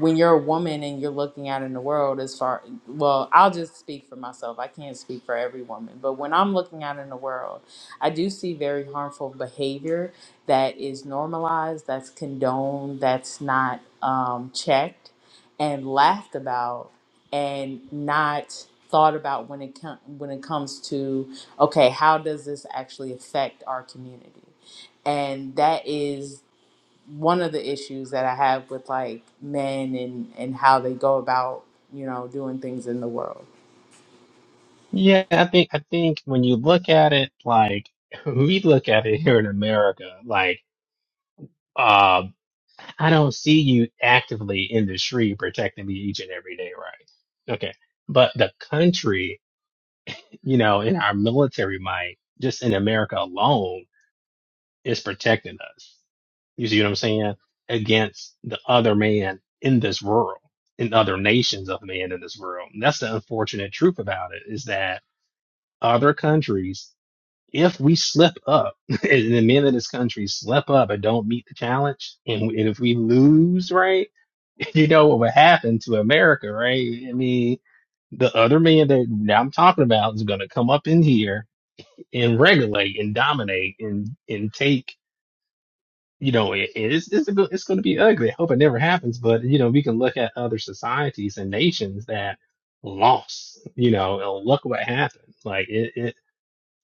when you're a woman and you're looking out in the world as far well i'll just speak for myself i can't speak for every woman but when i'm looking out in the world i do see very harmful behavior that is normalized that's condoned that's not um, checked and laughed about and not thought about when it com- when it comes to okay how does this actually affect our community and that is one of the issues that I have with like men and and how they go about you know doing things in the world.
yeah, I think I think when you look at it, like [laughs] we look at it here in America, like. Um, I don't see you actively in the street protecting me each and every day, right? Okay, but the country you know, in our military might, just in America alone, is protecting us. You see what I'm saying? Against the other man in this world, in other nations of man in this world. And that's the unfortunate truth about it is that other countries, if we slip up, [laughs] and the men in this country slip up and don't meet the challenge, and, and if we lose, right, [laughs] you know what would happen to America, right? I mean, the other man that now I'm talking about is going to come up in here and regulate and dominate and and take you know it, it's it's a go- it's going to be ugly. I hope it never happens, but you know we can look at other societies and nations that lost. You know, and look what happened. Like it, it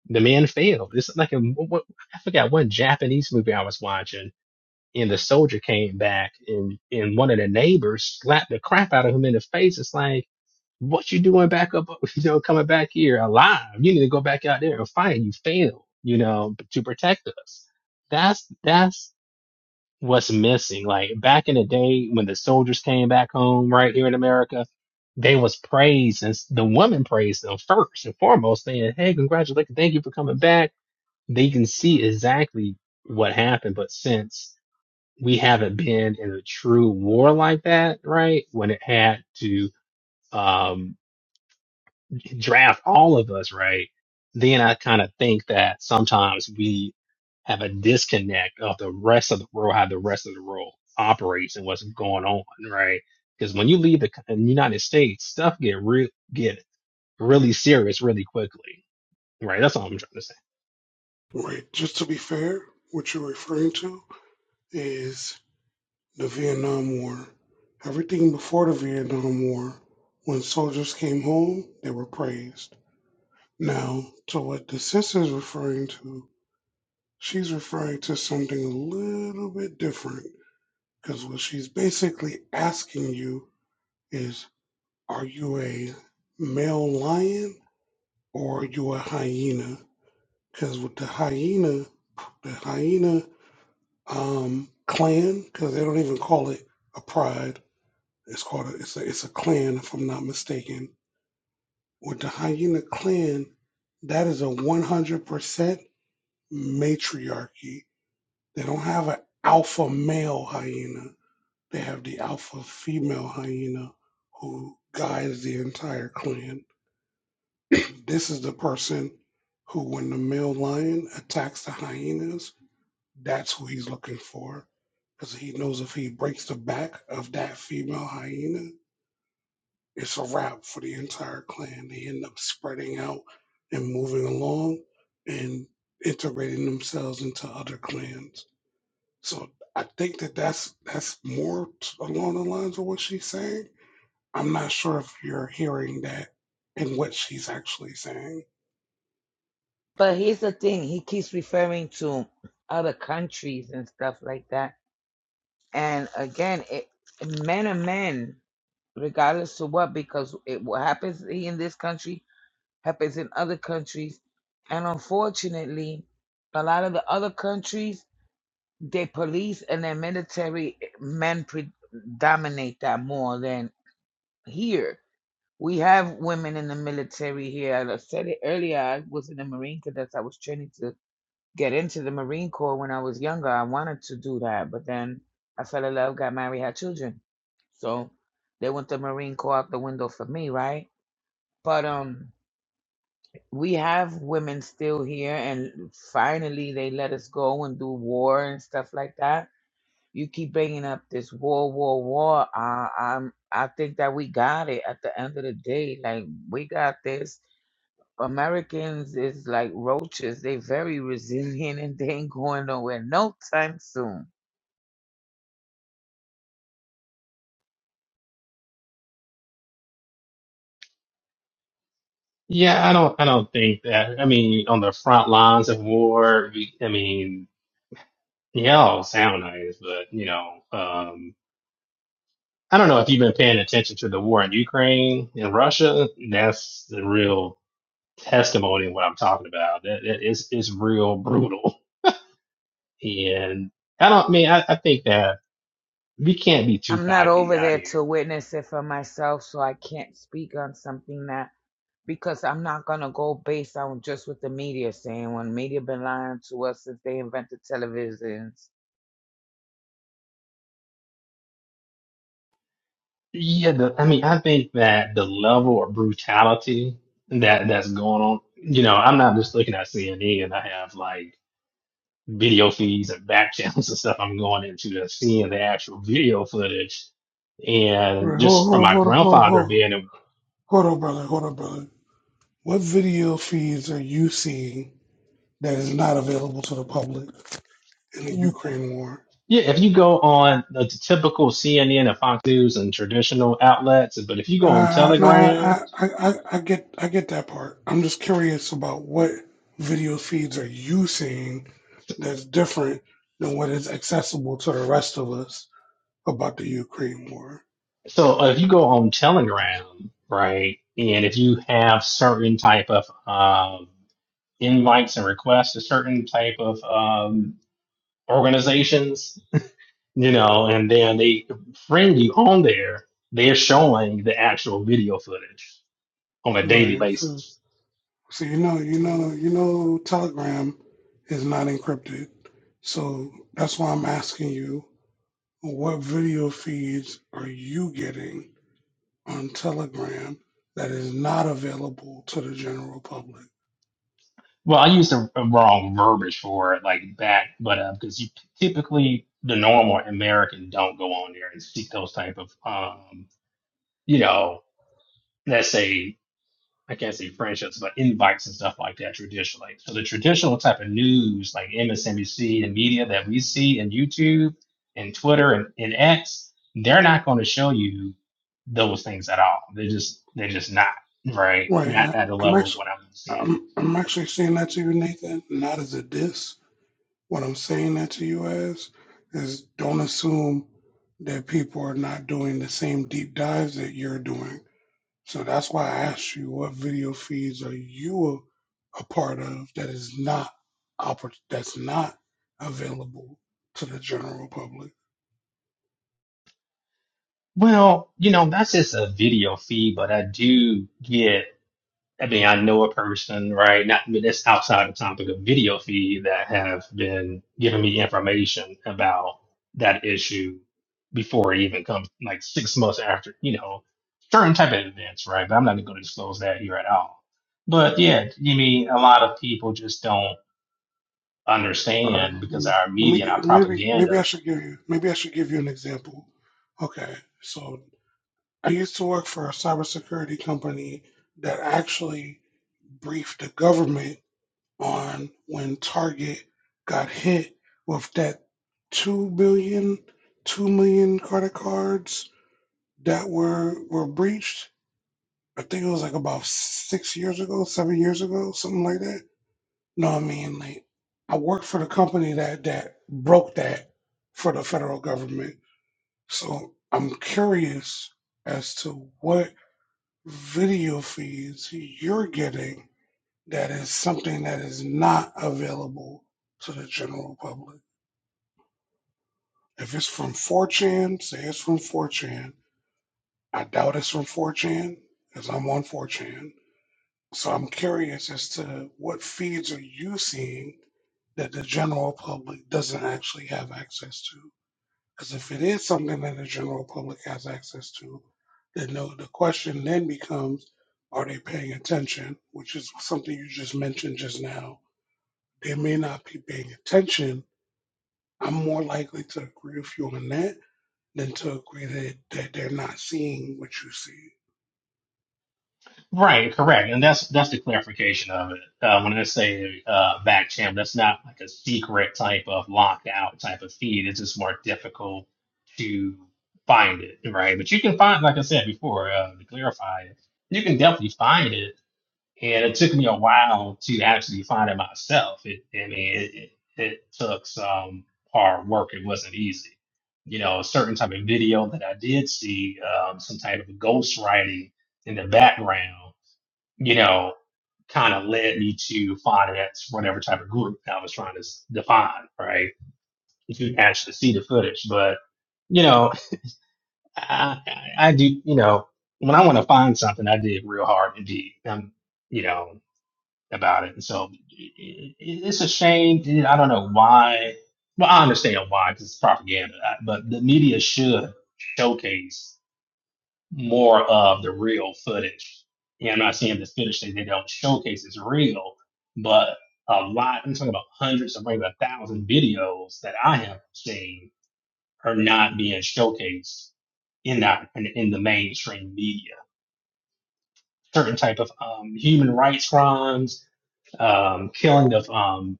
the man failed. It's like a, what, I forgot one Japanese movie I was watching and the soldier came back and and one of the neighbors slapped the crap out of him in the face. It's like, what you doing back up, [laughs] you know, coming back here alive? You need to go back out there and fight. You failed, you know, to protect us. That's that's what's missing. Like back in the day when the soldiers came back home, right here in America, they was praised and the women praised them first and foremost, saying, "Hey, congratulations, thank you for coming back." They can see exactly what happened, but since we haven't been in a true war like that, right? When it had to um, draft all of us, right? Then I kind of think that sometimes we have a disconnect of the rest of the world, how the rest of the world operates and what's going on, right? Because when you leave the c- United States, stuff get real get really serious really quickly, right? That's all I'm trying to say.
Right. Just to be fair, what you're referring to is the Vietnam War. Everything before the Vietnam War, when soldiers came home, they were praised. Now, to what the sister's referring to, she's referring to something a little bit different Because what she's basically asking you is, are you a male lion or are you a hyena? Because with the hyena, the hyena um, clan, because they don't even call it a pride. It's called a, it's a it's a clan, if I'm not mistaken. With the hyena clan, that is a 100% matriarchy. They don't have an alpha male hyena. They have the alpha female hyena who guides the entire clan. [clears throat] This is the person who, when the male lion attacks the hyenas, that's who he's looking for. Because he knows if he breaks the back of that female hyena, it's a wrap for the entire clan. They end up spreading out and moving along and integrating themselves into other clans. So I think that that's that's more t- along the lines of what she's saying I'm not sure if you're hearing that and what she's actually saying.
But here's the thing, he keeps referring to other countries and stuff like that. And again, it men are men, regardless of what, because it what happens in this country happens in other countries. And unfortunately, a lot of the other countries the police and the military men predominate that more than here. We have women in the military here. I said it earlier. I was in the Marine Cadets. I was training to get into the Marine Corps when I was younger. I wanted to do that, but then I fell in love, got married, had children. So they went the Marine Corps out the window for me, right? But um, we have women still here, and finally they let us go and do war and stuff like that you keep bringing up this war, war, war. I, I'm, I think that we got it at the end of the day. Like we got this. Americans is like roaches. They very resilient and [laughs] they ain't going nowhere no time soon.
Yeah, I don't I don't think that. I mean, on the front lines of war, we, I mean. Yeah, all sound nice, but you know, um, I don't know if you've been paying attention to the war in Ukraine and Russia. That's the real testimony of what I'm talking about. That, that is is real brutal, and I don't I mean I, I think that we can't be too
I'm not
cocky
over
out
there
here.
to witness it for myself, so I can't speak on something that because I'm not gonna go based on just what the media saying. When media been lying to us since they invented televisions,
Yeah, the, I mean I think that the level of brutality that that's going on. You know, I'm not just looking at CNN. I have like. video feeds and back [laughs] channels and stuff I'm going into to seeing the actual video footage. And
Right, Hold,
just from
hold,
my
hold, on, hold, on,
grandfather
hold, on.
being,
hold on, brother, hold on, brother. What video feeds are you seeing that is not available to the public in the
a,
Ukraine war?
yeah, if you go on the typical CNN and Fox News and traditional outlets, but if you go on
Uh, no,
Telegram,
I, I, I, I get, I get that part. I'm just curious about what video feeds are you seeing that's different than what is accessible to the rest of us about the Ukraine war.
so if you go on Telegram, right, and if you have certain type of um, invites and requests to certain type of um, organizations, you know, and then they friend you on there. They're showing the actual video footage on a daily
Right. So
basis.
So you know, you know, you know, Telegram is not encrypted. So that's why I'm asking you, what video feeds are you getting on Telegram that is not available to the general public?
Well, I used the wrong verbiage for it, like back, but uh, because you typically the normal American don't go on there and seek those type of, um, you know, let's say I can't say friendships, but invites and stuff like that traditionally. So the traditional type of news like MSNBC and media that we see in YouTube and Twitter and, and X, they're not going to show you those things at all. They're just they're just not right,
Right.
not
I,
at the
I'm
level of
actually,
what I'm seeing.
I'm, I'm actually saying that to you, Nathan. Not as a diss. What I'm saying that to you as is, don't assume that people are not doing the same deep dives that you're doing So that's why I asked you what video feeds are you a, a part of that is not oppor- that's not available to the general public.
Well, you know, that's just a video feed, but I do get I mean, I know a person, right? Not I mean, that's outside the topic of video feed that have been giving me information about that issue before it even comes, like six months after, you know, certain type of events, right? But I'm not going to disclose that here at all. But yeah, you mean a lot of people just don't understand because
Um,
our
let me
media and
gi-
our
maybe
propaganda
maybe I should give you maybe I should give you an example. Okay, so I used to work for a cybersecurity company that actually briefed the government on when Target got hit with that two billion, two million credit cards that were were breached. I think it was like about six years ago, seven years ago, something like that. No, I mean like I worked for the company that that broke that for the federal government. So I'm curious as to what video feeds you're getting that is something that is not available to the general public. If it's from 4chan, say it's from 4chan. I doubt it's from 4chan because I'm on 4chan So I'm curious as to what feeds are you seeing that the general public doesn't actually have access to? Because if it is something that the general public has access to, then no, the question then becomes, are they paying attention? Which is something you just mentioned just now. They may not be paying attention. I'm more likely to agree with you on that than to agree that, that they're not seeing what you see. Are
Right, correct, and that's that's the clarification of it. Uh, when I say uh, back channel, that's not like a secret type of lockout type of feed. It's just more difficult to find it, right? But you can find, like I said before, uh, to clarify it, you can definitely find it. And it took me a while to actually find it myself. It, I mean, it, it, it took some hard work. It wasn't easy. You know, a certain type of video that I did see, um, some type of ghost writing in the background you know, kind of led me to finance whatever type of group I was trying to s- define, right? If you actually see the footage, but you know, I, I, I do, you know, when I want to find something, I dig real hard indeed, um, you know, about it. And so it, it's a shame. dude, I don't know why. Well, I understand why because it's propaganda, I- but the media should showcase more of the real footage. And I'm not saying this footage that they don't showcase is real, but a lot, I'm talking about hundreds or maybe a thousand videos that I have seen are not being showcased in that in, in the mainstream media. Certain type of um, human rights crimes, um, killing of um,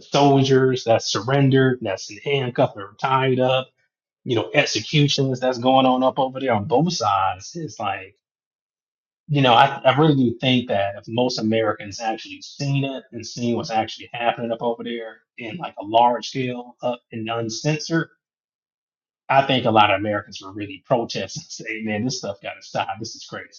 soldiers that surrendered, that's handcuffed or tied up, you know, executions that's going on up over there on both sides. It's like you know, I, I really do think that if most Americans actually seen it and seen what's actually happening up over there in like a large scale, up and uncensored, I think a lot of Americans were really protesting. [laughs] say, "Man, this stuff got to stop. This is crazy."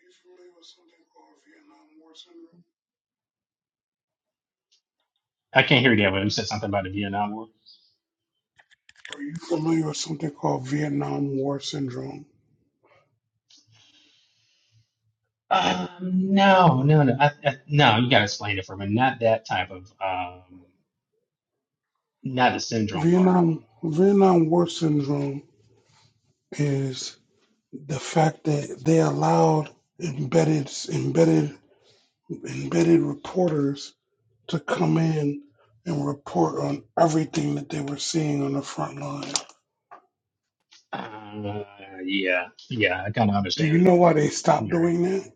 you familiar with something called Vietnam War Syndrome?
I can't hear you, Evan. You said something about the Vietnam War.
Are you familiar with something called Vietnam War Syndrome?
Um, no, no, no, I, I, no. You gotta explain it for me. Not that type of, um, not the syndrome part.
Vietnam Vietnam War Syndrome is the fact that they allowed embedded embedded embedded reporters to come in and report on everything that they were seeing on the front line.
Uh, yeah, yeah. I kind of
Do
understand
you
it
know why they stopped
now.
doing that?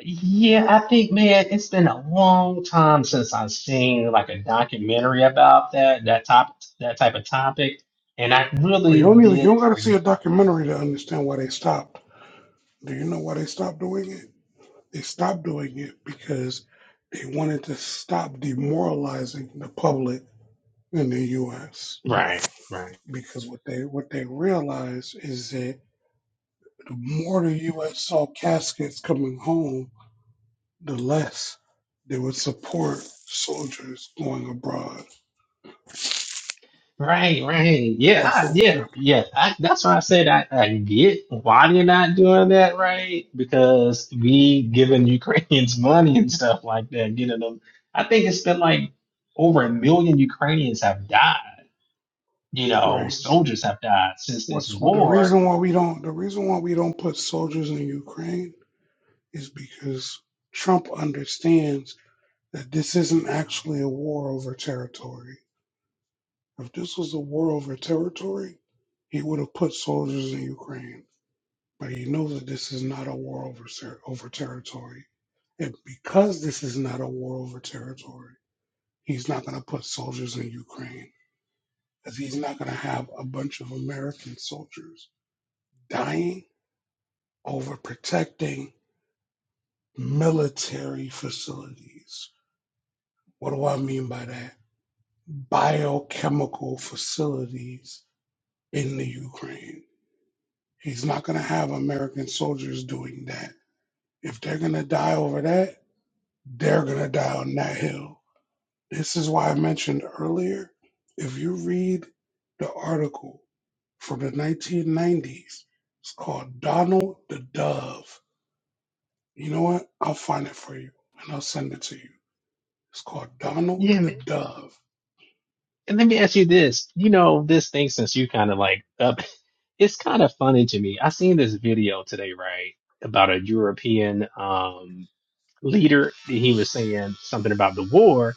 Yeah, I think, man, it's been a long time since I've seen like a documentary about that that top that type of topic, and I
Or you
really
don't even you
did
don't gotta
for
see a documentary to understand why they stopped. Do you know why they stopped doing it? They stopped doing it because they wanted to stop demoralizing the public in the U.S.
right, right,
Because what they what they realized is that the more the U.S. saw caskets coming home, the less they would support soldiers going abroad.
right, right. Yeah,
That's
I,
what was
yeah,
happening.
yeah. I, that's why I said I, I get why they're not doing that, right? Because we giving [laughs] Ukrainians money and stuff like that, getting them. I think it's been like over a million Ukrainians have died. You know,
Right.
soldiers have died since this
What's well, the
war.
reason why we don't the reason why we don't put soldiers in Ukraine is because Trump understands that this isn't actually a war over territory If this was a war over territory, he would have put soldiers in Ukraine. But he knows that this is not a war over ser- over territory, and because this is not a war over territory, he's not going to put soldiers in Ukraine, because he's not going to have a bunch of American soldiers dying over protecting military facilities. What do I mean by that? Biochemical facilities in the Ukraine He's not going to have American soldiers doing that. If they're going to die over that, they're going to die on that hill. This is why I mentioned earlier if you read the article from the 1990s, it's called Donald the Dove. You know what? I'll find it for you and I'll send it to you. It's called Donald
Yeah,
the Dove.
And let me ask you this. You know, this thing since you kind of like up, [laughs] it's kind of funny to me. I seen this video today, right, about a European um leader. He was saying something about the war,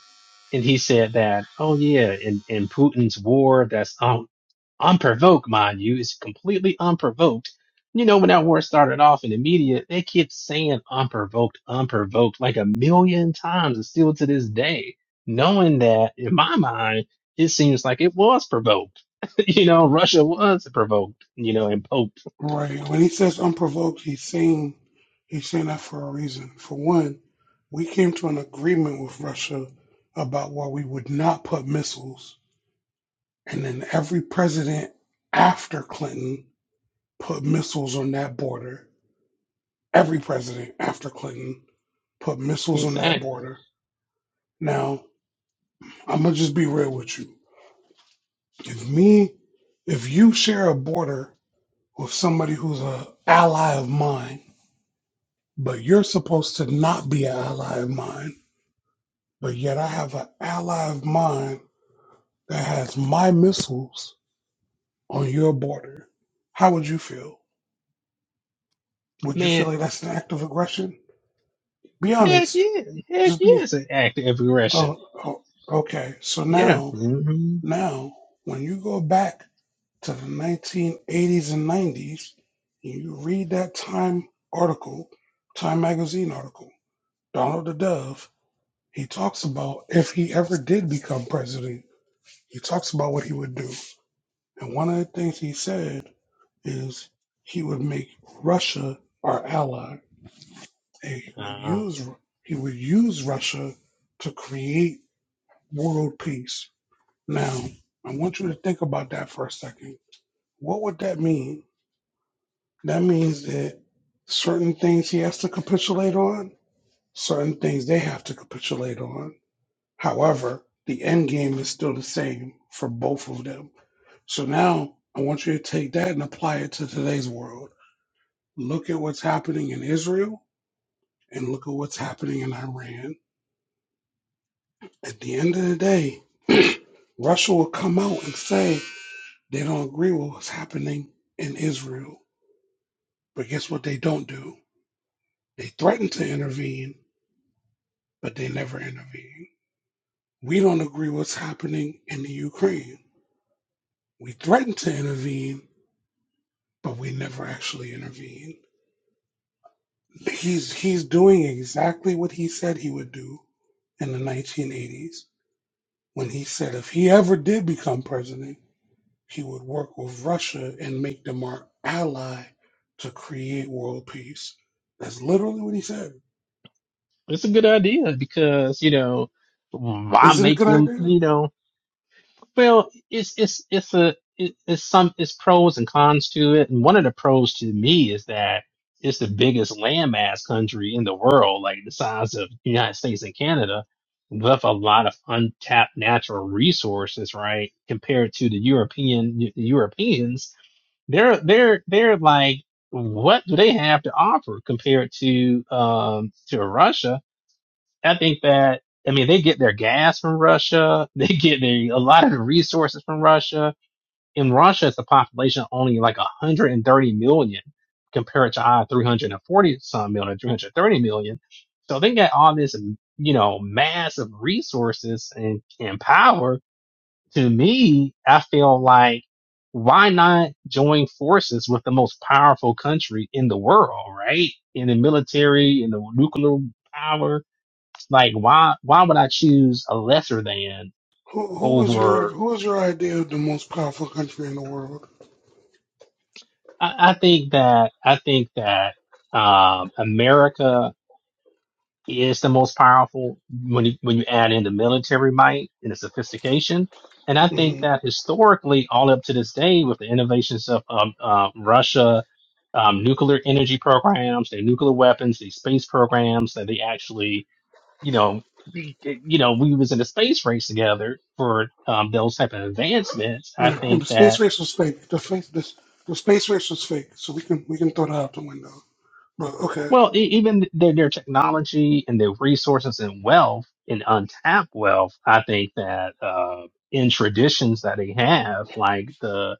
and he said that, oh yeah, in, in Putin's war, that's un, unprovoked, mind you, it's completely unprovoked. You know, when that war started off in the media, they kept saying unprovoked, unprovoked, like a million times, and still to this day, knowing that in my mind, it seems like it was provoked. [laughs] you know, Russia was provoked, you know, and poked.
Right. When he says unprovoked, he's saying he's saying that for a reason. For one, we came to an agreement with Russia about why we would not put missiles, and then every president after Clinton put missiles on that border. Every president after Clinton put missiles
He's
on that
act
border. Now, I'm gonna just be real with you. If me, if you share a border with somebody who's an ally of mine, but you're supposed to not be an ally of mine but yet I have an ally of mine that has my missiles on your border. How would you feel? Would you feel
man.
like that's an act of aggression? Be
Heck
honest.
yeah, heck
Just
yeah,
be.
it's an active progression.
Oh, oh okay. So
Yeah,
now,
hmm
now, when you go back to the 1980s and 90s, and you read that Time article, Time magazine article, Donald the Dove, he talks about if he ever did become president, he talks about what he would do. And one of the things he said is he would make Russia our ally, and he would
um,
use he would use Russia to create world peace. Now, I want you to think about that for a second. What would that mean? That means that certain things he has to capitulate on, certain things they have to capitulate on. However, the end game is still the same for both of them. So now I want you to take that and apply it to today's world. Look at what's happening in Israel And look at what's happening in Iran. At the end of the day, [clears throat] Russia will come out and say they don't agree with what's happening in Israel. But guess what they don't do? They threaten to intervene, but they never intervene. We don't agree what's happening in the Ukraine. We threaten to intervene, but we never actually intervene. He's he's doing exactly what he said he would do in the 1980s when he said if he ever did become president He would work with Russia and make them our ally to create world peace. That's literally what he said.
it's a good idea because you know why
Is it a
make
good
them?
idea?
You know, well, it's it's it's a it, it's some it's pros and cons to it, and one of the pros to me is that it's the biggest landmass country in the world, like the size of the United States and Canada, with a lot of untapped natural resources, right? Compared to the European the Europeans They're they're they're like, what do they have to offer compared to um to Russia? I think that I mean they get their gas from Russia, [laughs] they get their a lot of the resources from Russia. In Russia, it's a population of only like 130 million compared to our 340 some million, three hundred thirty million. So they got all this, you know, massive resources and, and power to me, I feel like why not join forces with the most powerful country in the world, right? In the military, in the nuclear power. Like why why would I choose a lesser than
Who, who was your
over
who was your idea of the most powerful country in the world?
I, I think that I think that um America is the most powerful when you, when you add in the military might and the sophistication. And I think
hmm
that historically, all up to this day, with the innovations of um, uh, Russia, um, nuclear energy programs, their nuclear weapons, these space programs, that they actually, you know, we- you know, we was in a space race together for um, those type of advancements. I
the
think
space
that
race was fake. The space this the space race was fake. So we can we can throw that out the window. But okay,
Well, e- even their, their technology and their resources and wealth and untapped wealth, I think that uh, in traditions that they have, like the,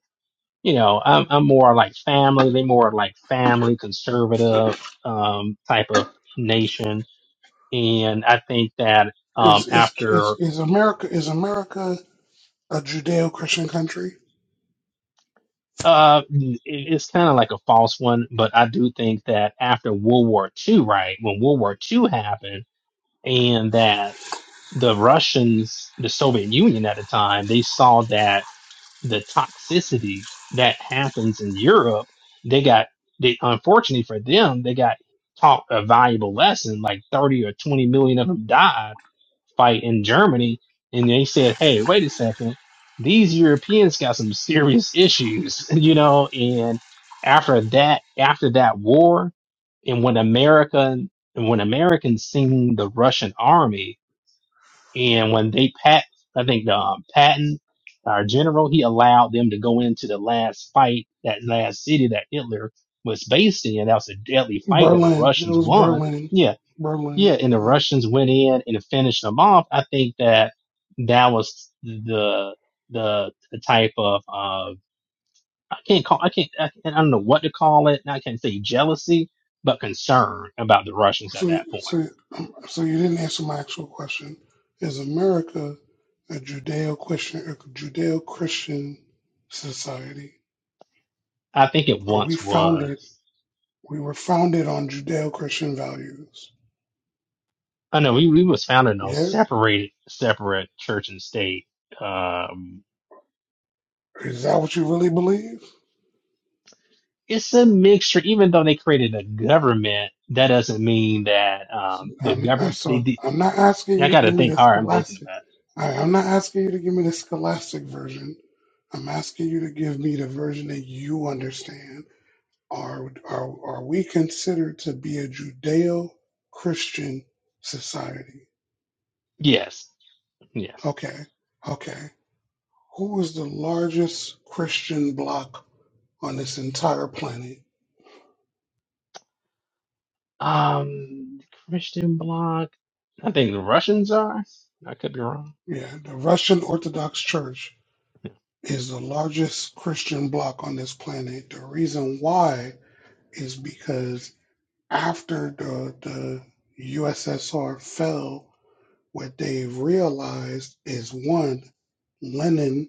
you know, I'm, I'm more like family. They more like family conservative um, type of nation, and I think that um,
is is is,
after
is America is America a Judeo Christian country?
uh, it- it's kind of like a false one, but I do think that after World War II, right when World War II happened, and that the Russians, the Soviet Union at the time, they saw that the toxicity that happens in Europe, they got, they, unfortunately for them, they got taught a valuable lesson. Like 30 or 20 million of them died fighting Germany. And they said, Hey, wait a second. These Europeans got some serious issues, [laughs] you know, and after that, after that war, and when America, and when Americans seen the Russian army, and when they pat, I think um, Patton, our general, he allowed them to go into the last fight, that last city that Hitler was based in. That was a deadly fight that the
Berlin. It
Russians
was
won.
Berlin.
Yeah,
Berlin.
yeah. And the
right.
Russians went in and finished them off. I think that that was the the, the type of uh, I can't call I can't I, I don't know what to call it. I can't say jealousy, but concern about the Russians at
So,
that point.
so, so you didn't answer my actual question. Is America a Judeo-Christian, a Judeo-Christian society?
I think it
Are we
once
founded?
was.
We were founded on Judeo-Christian values.
I know we, we was founded on
Yeah,
separated, separate church and state. Um,
is that what you really believe?
it's a mixture, even though they created a government, that doesn't mean that, um, the
I'm, I,
government, they
so
did,
I'm not asking
I
you to
gotta
give me
think
the
hard. I'm thinking
scholastic.
about
I, I'm not asking you to give me the scholastic version. I'm asking you to give me the version that you understand. Are, are, are we considered to be a Judeo Christian society?
it. Yes. Yes.
Okay, okay. Who is the largest Christian bloc on this entire planet?
Um, Christian bloc. I think the Russians are. I could be wrong.
Yeah, the Russian Orthodox Church is the largest Christian bloc on this planet. The reason why is because after the, the USSR fell, what they've realized is one, Lenin.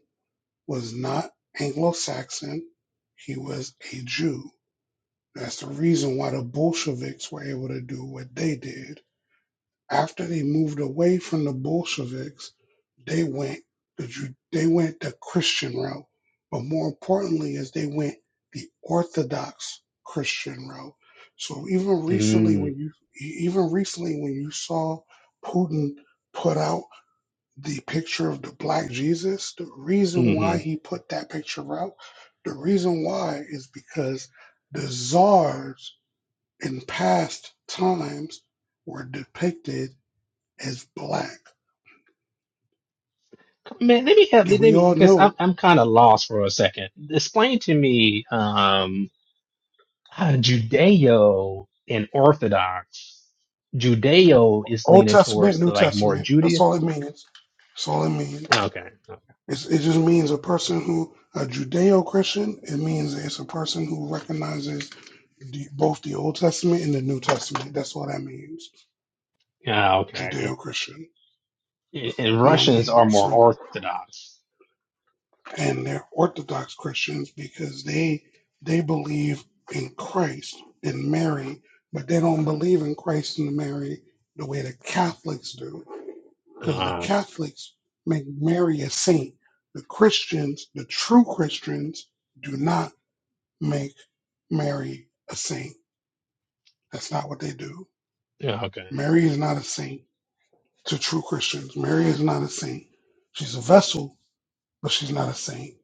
was not Anglo-Saxon. He was a Jew. That's the reason why the Bolsheviks were able to do what they did. After they moved away from the Bolsheviks, they went the Ju- they went the Christian route. But more importantly, is they went the Orthodox Christian route. So even recently,
Mm,
when you e- even recently when you saw Putin put out the picture of the black Jesus, the reason why
mm-hmm.
he put that picture out, the reason why is because the czars in past times were depicted as black.
Man, let me help you.
And
Let
we
me,
all
because
know
I'm, I'm kind of lost for a second. Explain to me, Um. uh, Judeo and Orthodox. Judeo is
Old
leaning
Testament,
towards the
New
like more
Testament, that's
Judaism.
all it means. That's all it means.
Okay, okay,
It's, it just means a person who, a Judeo Christian, it means it's a person who recognizes the, both the Old Testament and the New Testament. That's all that means.
yeah, okay. It,
Judeo Christian.
it, and
You know what I
Russians
mean?
are more
So
Orthodox.
and they're Orthodox Christians because they they believe in Christ and Mary, but they don't believe in Christ and Mary the way the Catholics do, because the
Uh, okay,
Catholics make Mary a saint. The Christians, the true Christians, do not make Mary a saint. That's not what they do.
yeah, okay.
Mary is not a saint to true Christians. Mary is not a saint. She's a vessel, but she's not a saint.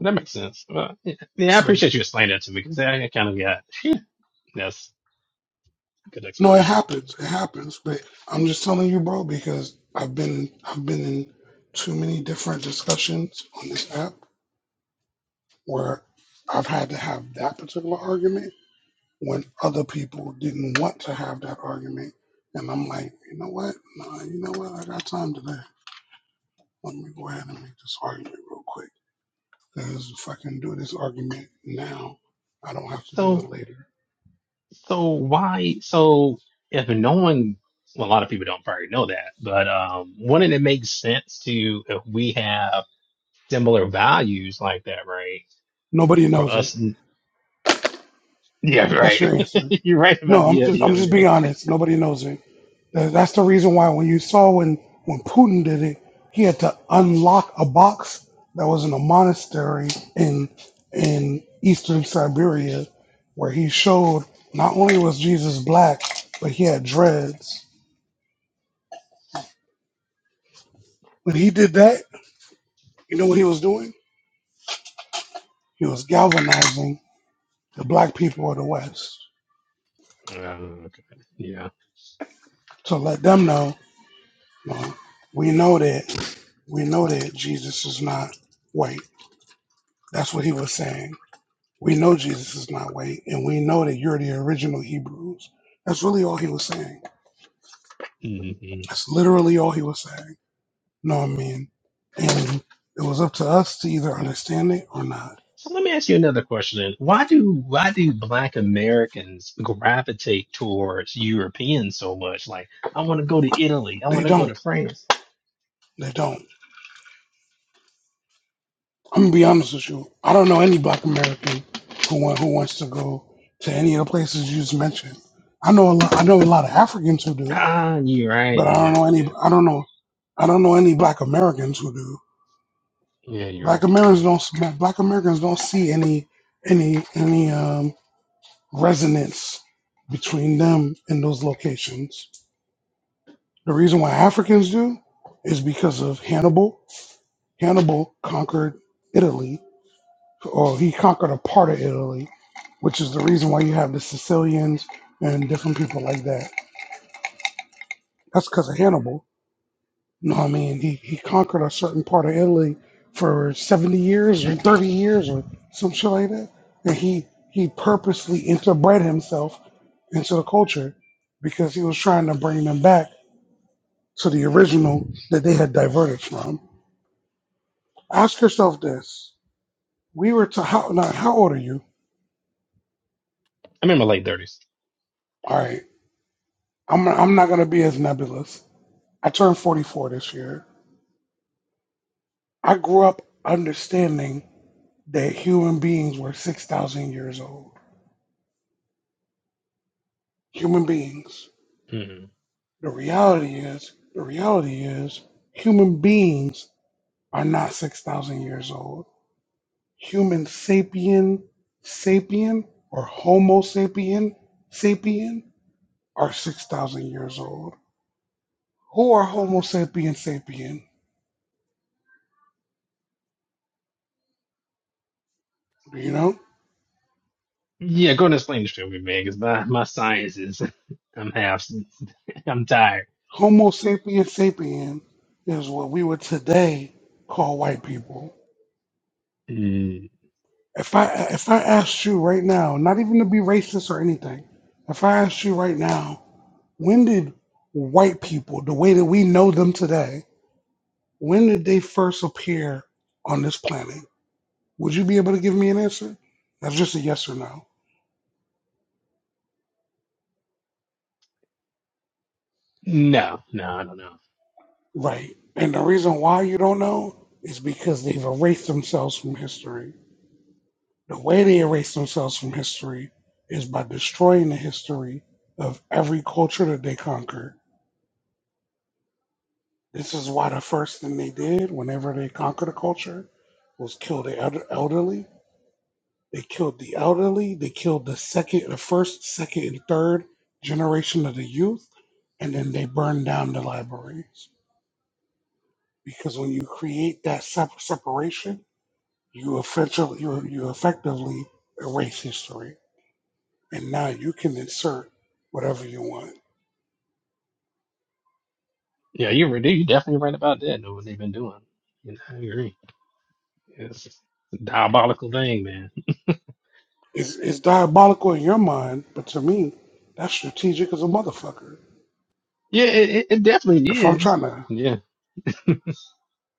That makes sense. Well, yeah, yeah, I
So.
appreciate you explaining that to me because I kind of got that's a good
No, it
explanation.
happens. It happens. But I'm just telling you, bro, because I've been I've been in too many different discussions on this app where I've had to have that particular argument when other people didn't want to have that argument. And I'm like, you know what? Nah, you know what? I got time today. Let me go ahead and make this argument real quick. Because if I can do this argument now, I don't have to do it
So,
later.
so why? So if no one, well, a lot of people don't probably know that, but um, wouldn't it make sense to if we have similar values like that, right?
Nobody
for
knows it.
us. n- Yeah,
That's
right.
your
[laughs]
answer.
you're right
No,
about the
I'm
yeah,
just
yeah,
I'm just being
okay.
honest. Nobody knows it. That- That's the reason why when you saw when when Putin did it, he had to unlock a box that was in a monastery in in eastern Siberia, where he showed not only was Jesus black, but he had dreads. When he did that, you know what he was doing? He was galvanizing the black people of the West
Uh, okay. Yeah.
to let them know, you know, we know that we know that Jesus is not white. That's what he was saying We know Jesus is not white, and we know that you're the original Hebrews. That's really all he was saying.
hmm
That's literally all he was saying. No, I mean, and it was up to us to either understand it or not.
So let me ask you another question. Then. Why do why do Black Americans gravitate towards Europeans so much? Like, I want to go to Italy. I
They
want to go
don't.
to France.
They don't. I'm gonna be honest with you. I don't know any Black American who want, who wants to go to any of the places you just mentioned. I know a lot. I know a lot of Africans who do,
Ah, you're right.
but I don't
Yeah,
know any.
yeah,
I don't know. I don't know any Black Americans who do.
yeah. You're
Black
right. Yeah.
Americans don't Black Americans don't see any any any um, resonance between them and those locations. The reason why Africans do is because of Hannibal. Hannibal conquered Italy, or he conquered a part of Italy, which is the reason why you have the Sicilians and different people like that. That's because of Hannibal No, I mean he, he conquered a certain part of Italy for seventy years or thirty years or some shit like that, and he he purposely interbred himself into the culture because he was trying to bring them back to the original that they had diverted from. Ask yourself this: We were to how now, how old are you?
I'm in my late 30s
All right, I'm I'm not gonna be as nebulous. I turned forty four this year. I grew up understanding that human beings were six thousand years old. Human beings
hmm
The reality is, the reality is, human beings are not 6,000 years old. Human sapien, sapien, or Homo sapien, sapien, are 6,000 years old. Who are Homo sapien, sapien? Do you know?
Yeah, go and explain this to me, man, because my my science is [laughs] I'm half. [laughs] I'm tired.
Homo sapien, sapien is what we would today call white people.
Mm-hmm.
If I if I asked you right now, not even to be racist or anything, if I asked you right now When did white people, the way that we know them today, when did they first appear on this planet? Would you be able to give me an answer? That's just a yes or no.
No, no, I don't know.
Right. And the reason why you don't know is because they've erased themselves from history. The way they erase themselves from history is by destroying the history of every culture that they conquered. This is why the first thing they did whenever they conquered a culture was kill the elder- elderly They killed the elderly. They killed the second, the first, second, and third generation of the youth, and then they burned down the libraries. Because when you create that sep- separation, you effectively you, you effectively erase history, and now you can insert whatever you want.
Yeah, you're you definitely right about that. Know what they've been doing. You know, I agree. It's a diabolical thing, man.
It's, it's diabolical in your mind, but to me, that's strategic as a motherfucker.
Yeah, it, it it definitely
If I'm
is.
trying to,
Yeah. [laughs]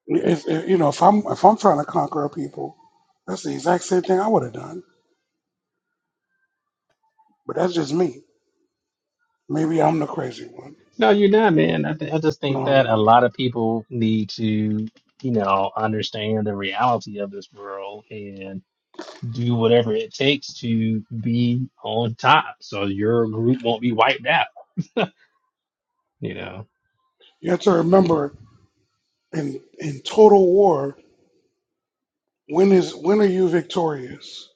if, if, you know, if I'm if I'm trying to conquer a people, that's the exact same thing I would have done. But that's just me. Maybe I'm the crazy one.
No, you're not, man. I, th- I just think
No,
that a
man.
lot of people need to, you know, understand the reality of this world and do whatever it takes to be on top, so your group won't be wiped out. [laughs] You
You have to remember in in total war, when is when are you victorious?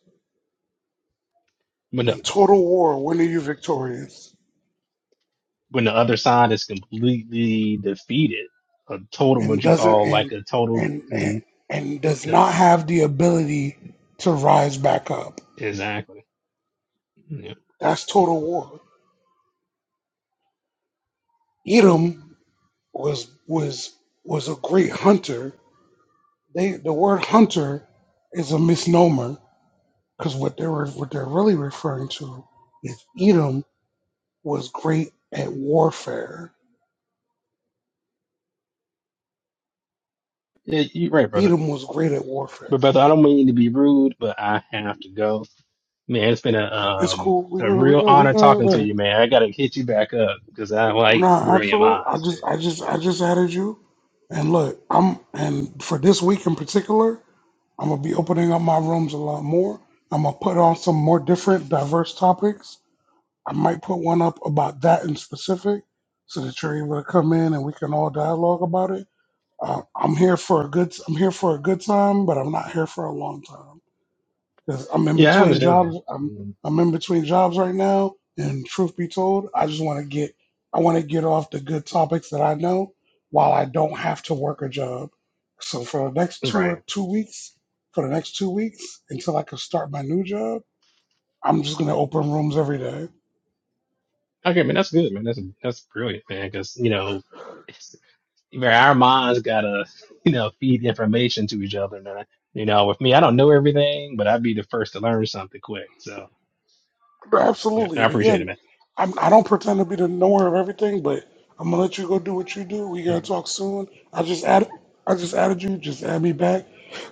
know.
In total war, when are you victorious?
when the other side is completely defeated, a total
And
what you
doesn't
call like
and
a total
and and,
mm,
and does
de-
not have the ability to rise back up.
exactly. Yeah.
That's total war. Edom was was was a great hunter. They the word hunter is a misnomer because what they were what they're really referring to is Edom was great at warfare.
yeah, you're right, brother.
Edom was great at
But
warfare.
brother, I don't mean to be rude, but I have to go. Man, it's been a
It's
um
cool. We
a
gonna we
real
gonna we
honor
gonna
talking to
like
you, man. I gotta hit you back up because I like
nah
brilliant
absolute. I
minds, man.
just I just I just added you. And look, I'm and for this week in particular, I'm gonna be opening up my rooms a lot more. I'm gonna put on some more different diverse topics. I might put one up about that in specific so that you're able to come in and we can all dialogue about it. Uh, I'm here for a good I'm here for a good time, but I'm not here for a long time. because I'm in
Yeah, I
between
understand, it, man.
jobs. I'm
Mm,
I'm in between jobs right now, and truth be told, I just want to get I want to get off the good topics that I know while I don't have to work a job. So for the next two
Right.
or two weeks, for the next two weeks until I can start my new job, I'm just gonna open rooms every day.
Okay, man, that's good, man. That's that's brilliant, man. Because you know. where our minds gotta, you know, feed information to each other. And, I- you know, with me, I don't know everything, but I'd be the first to learn something quick. So, yeah,
Absolutely,
I
and
appreciate
again,
it, man.
I'm I don't pretend to be the knower of everything, but I'm gonna let you go do what you do. We gotta
Mhm.
talk soon. I just added I just added you. Just add me back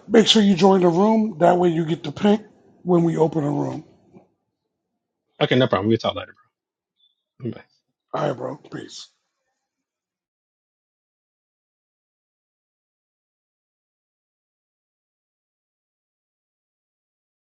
Make sure you join the room. That way you get the pick when we open a room.
Okay, no problem. We'll talk later, bro.
All right, bro. Peace.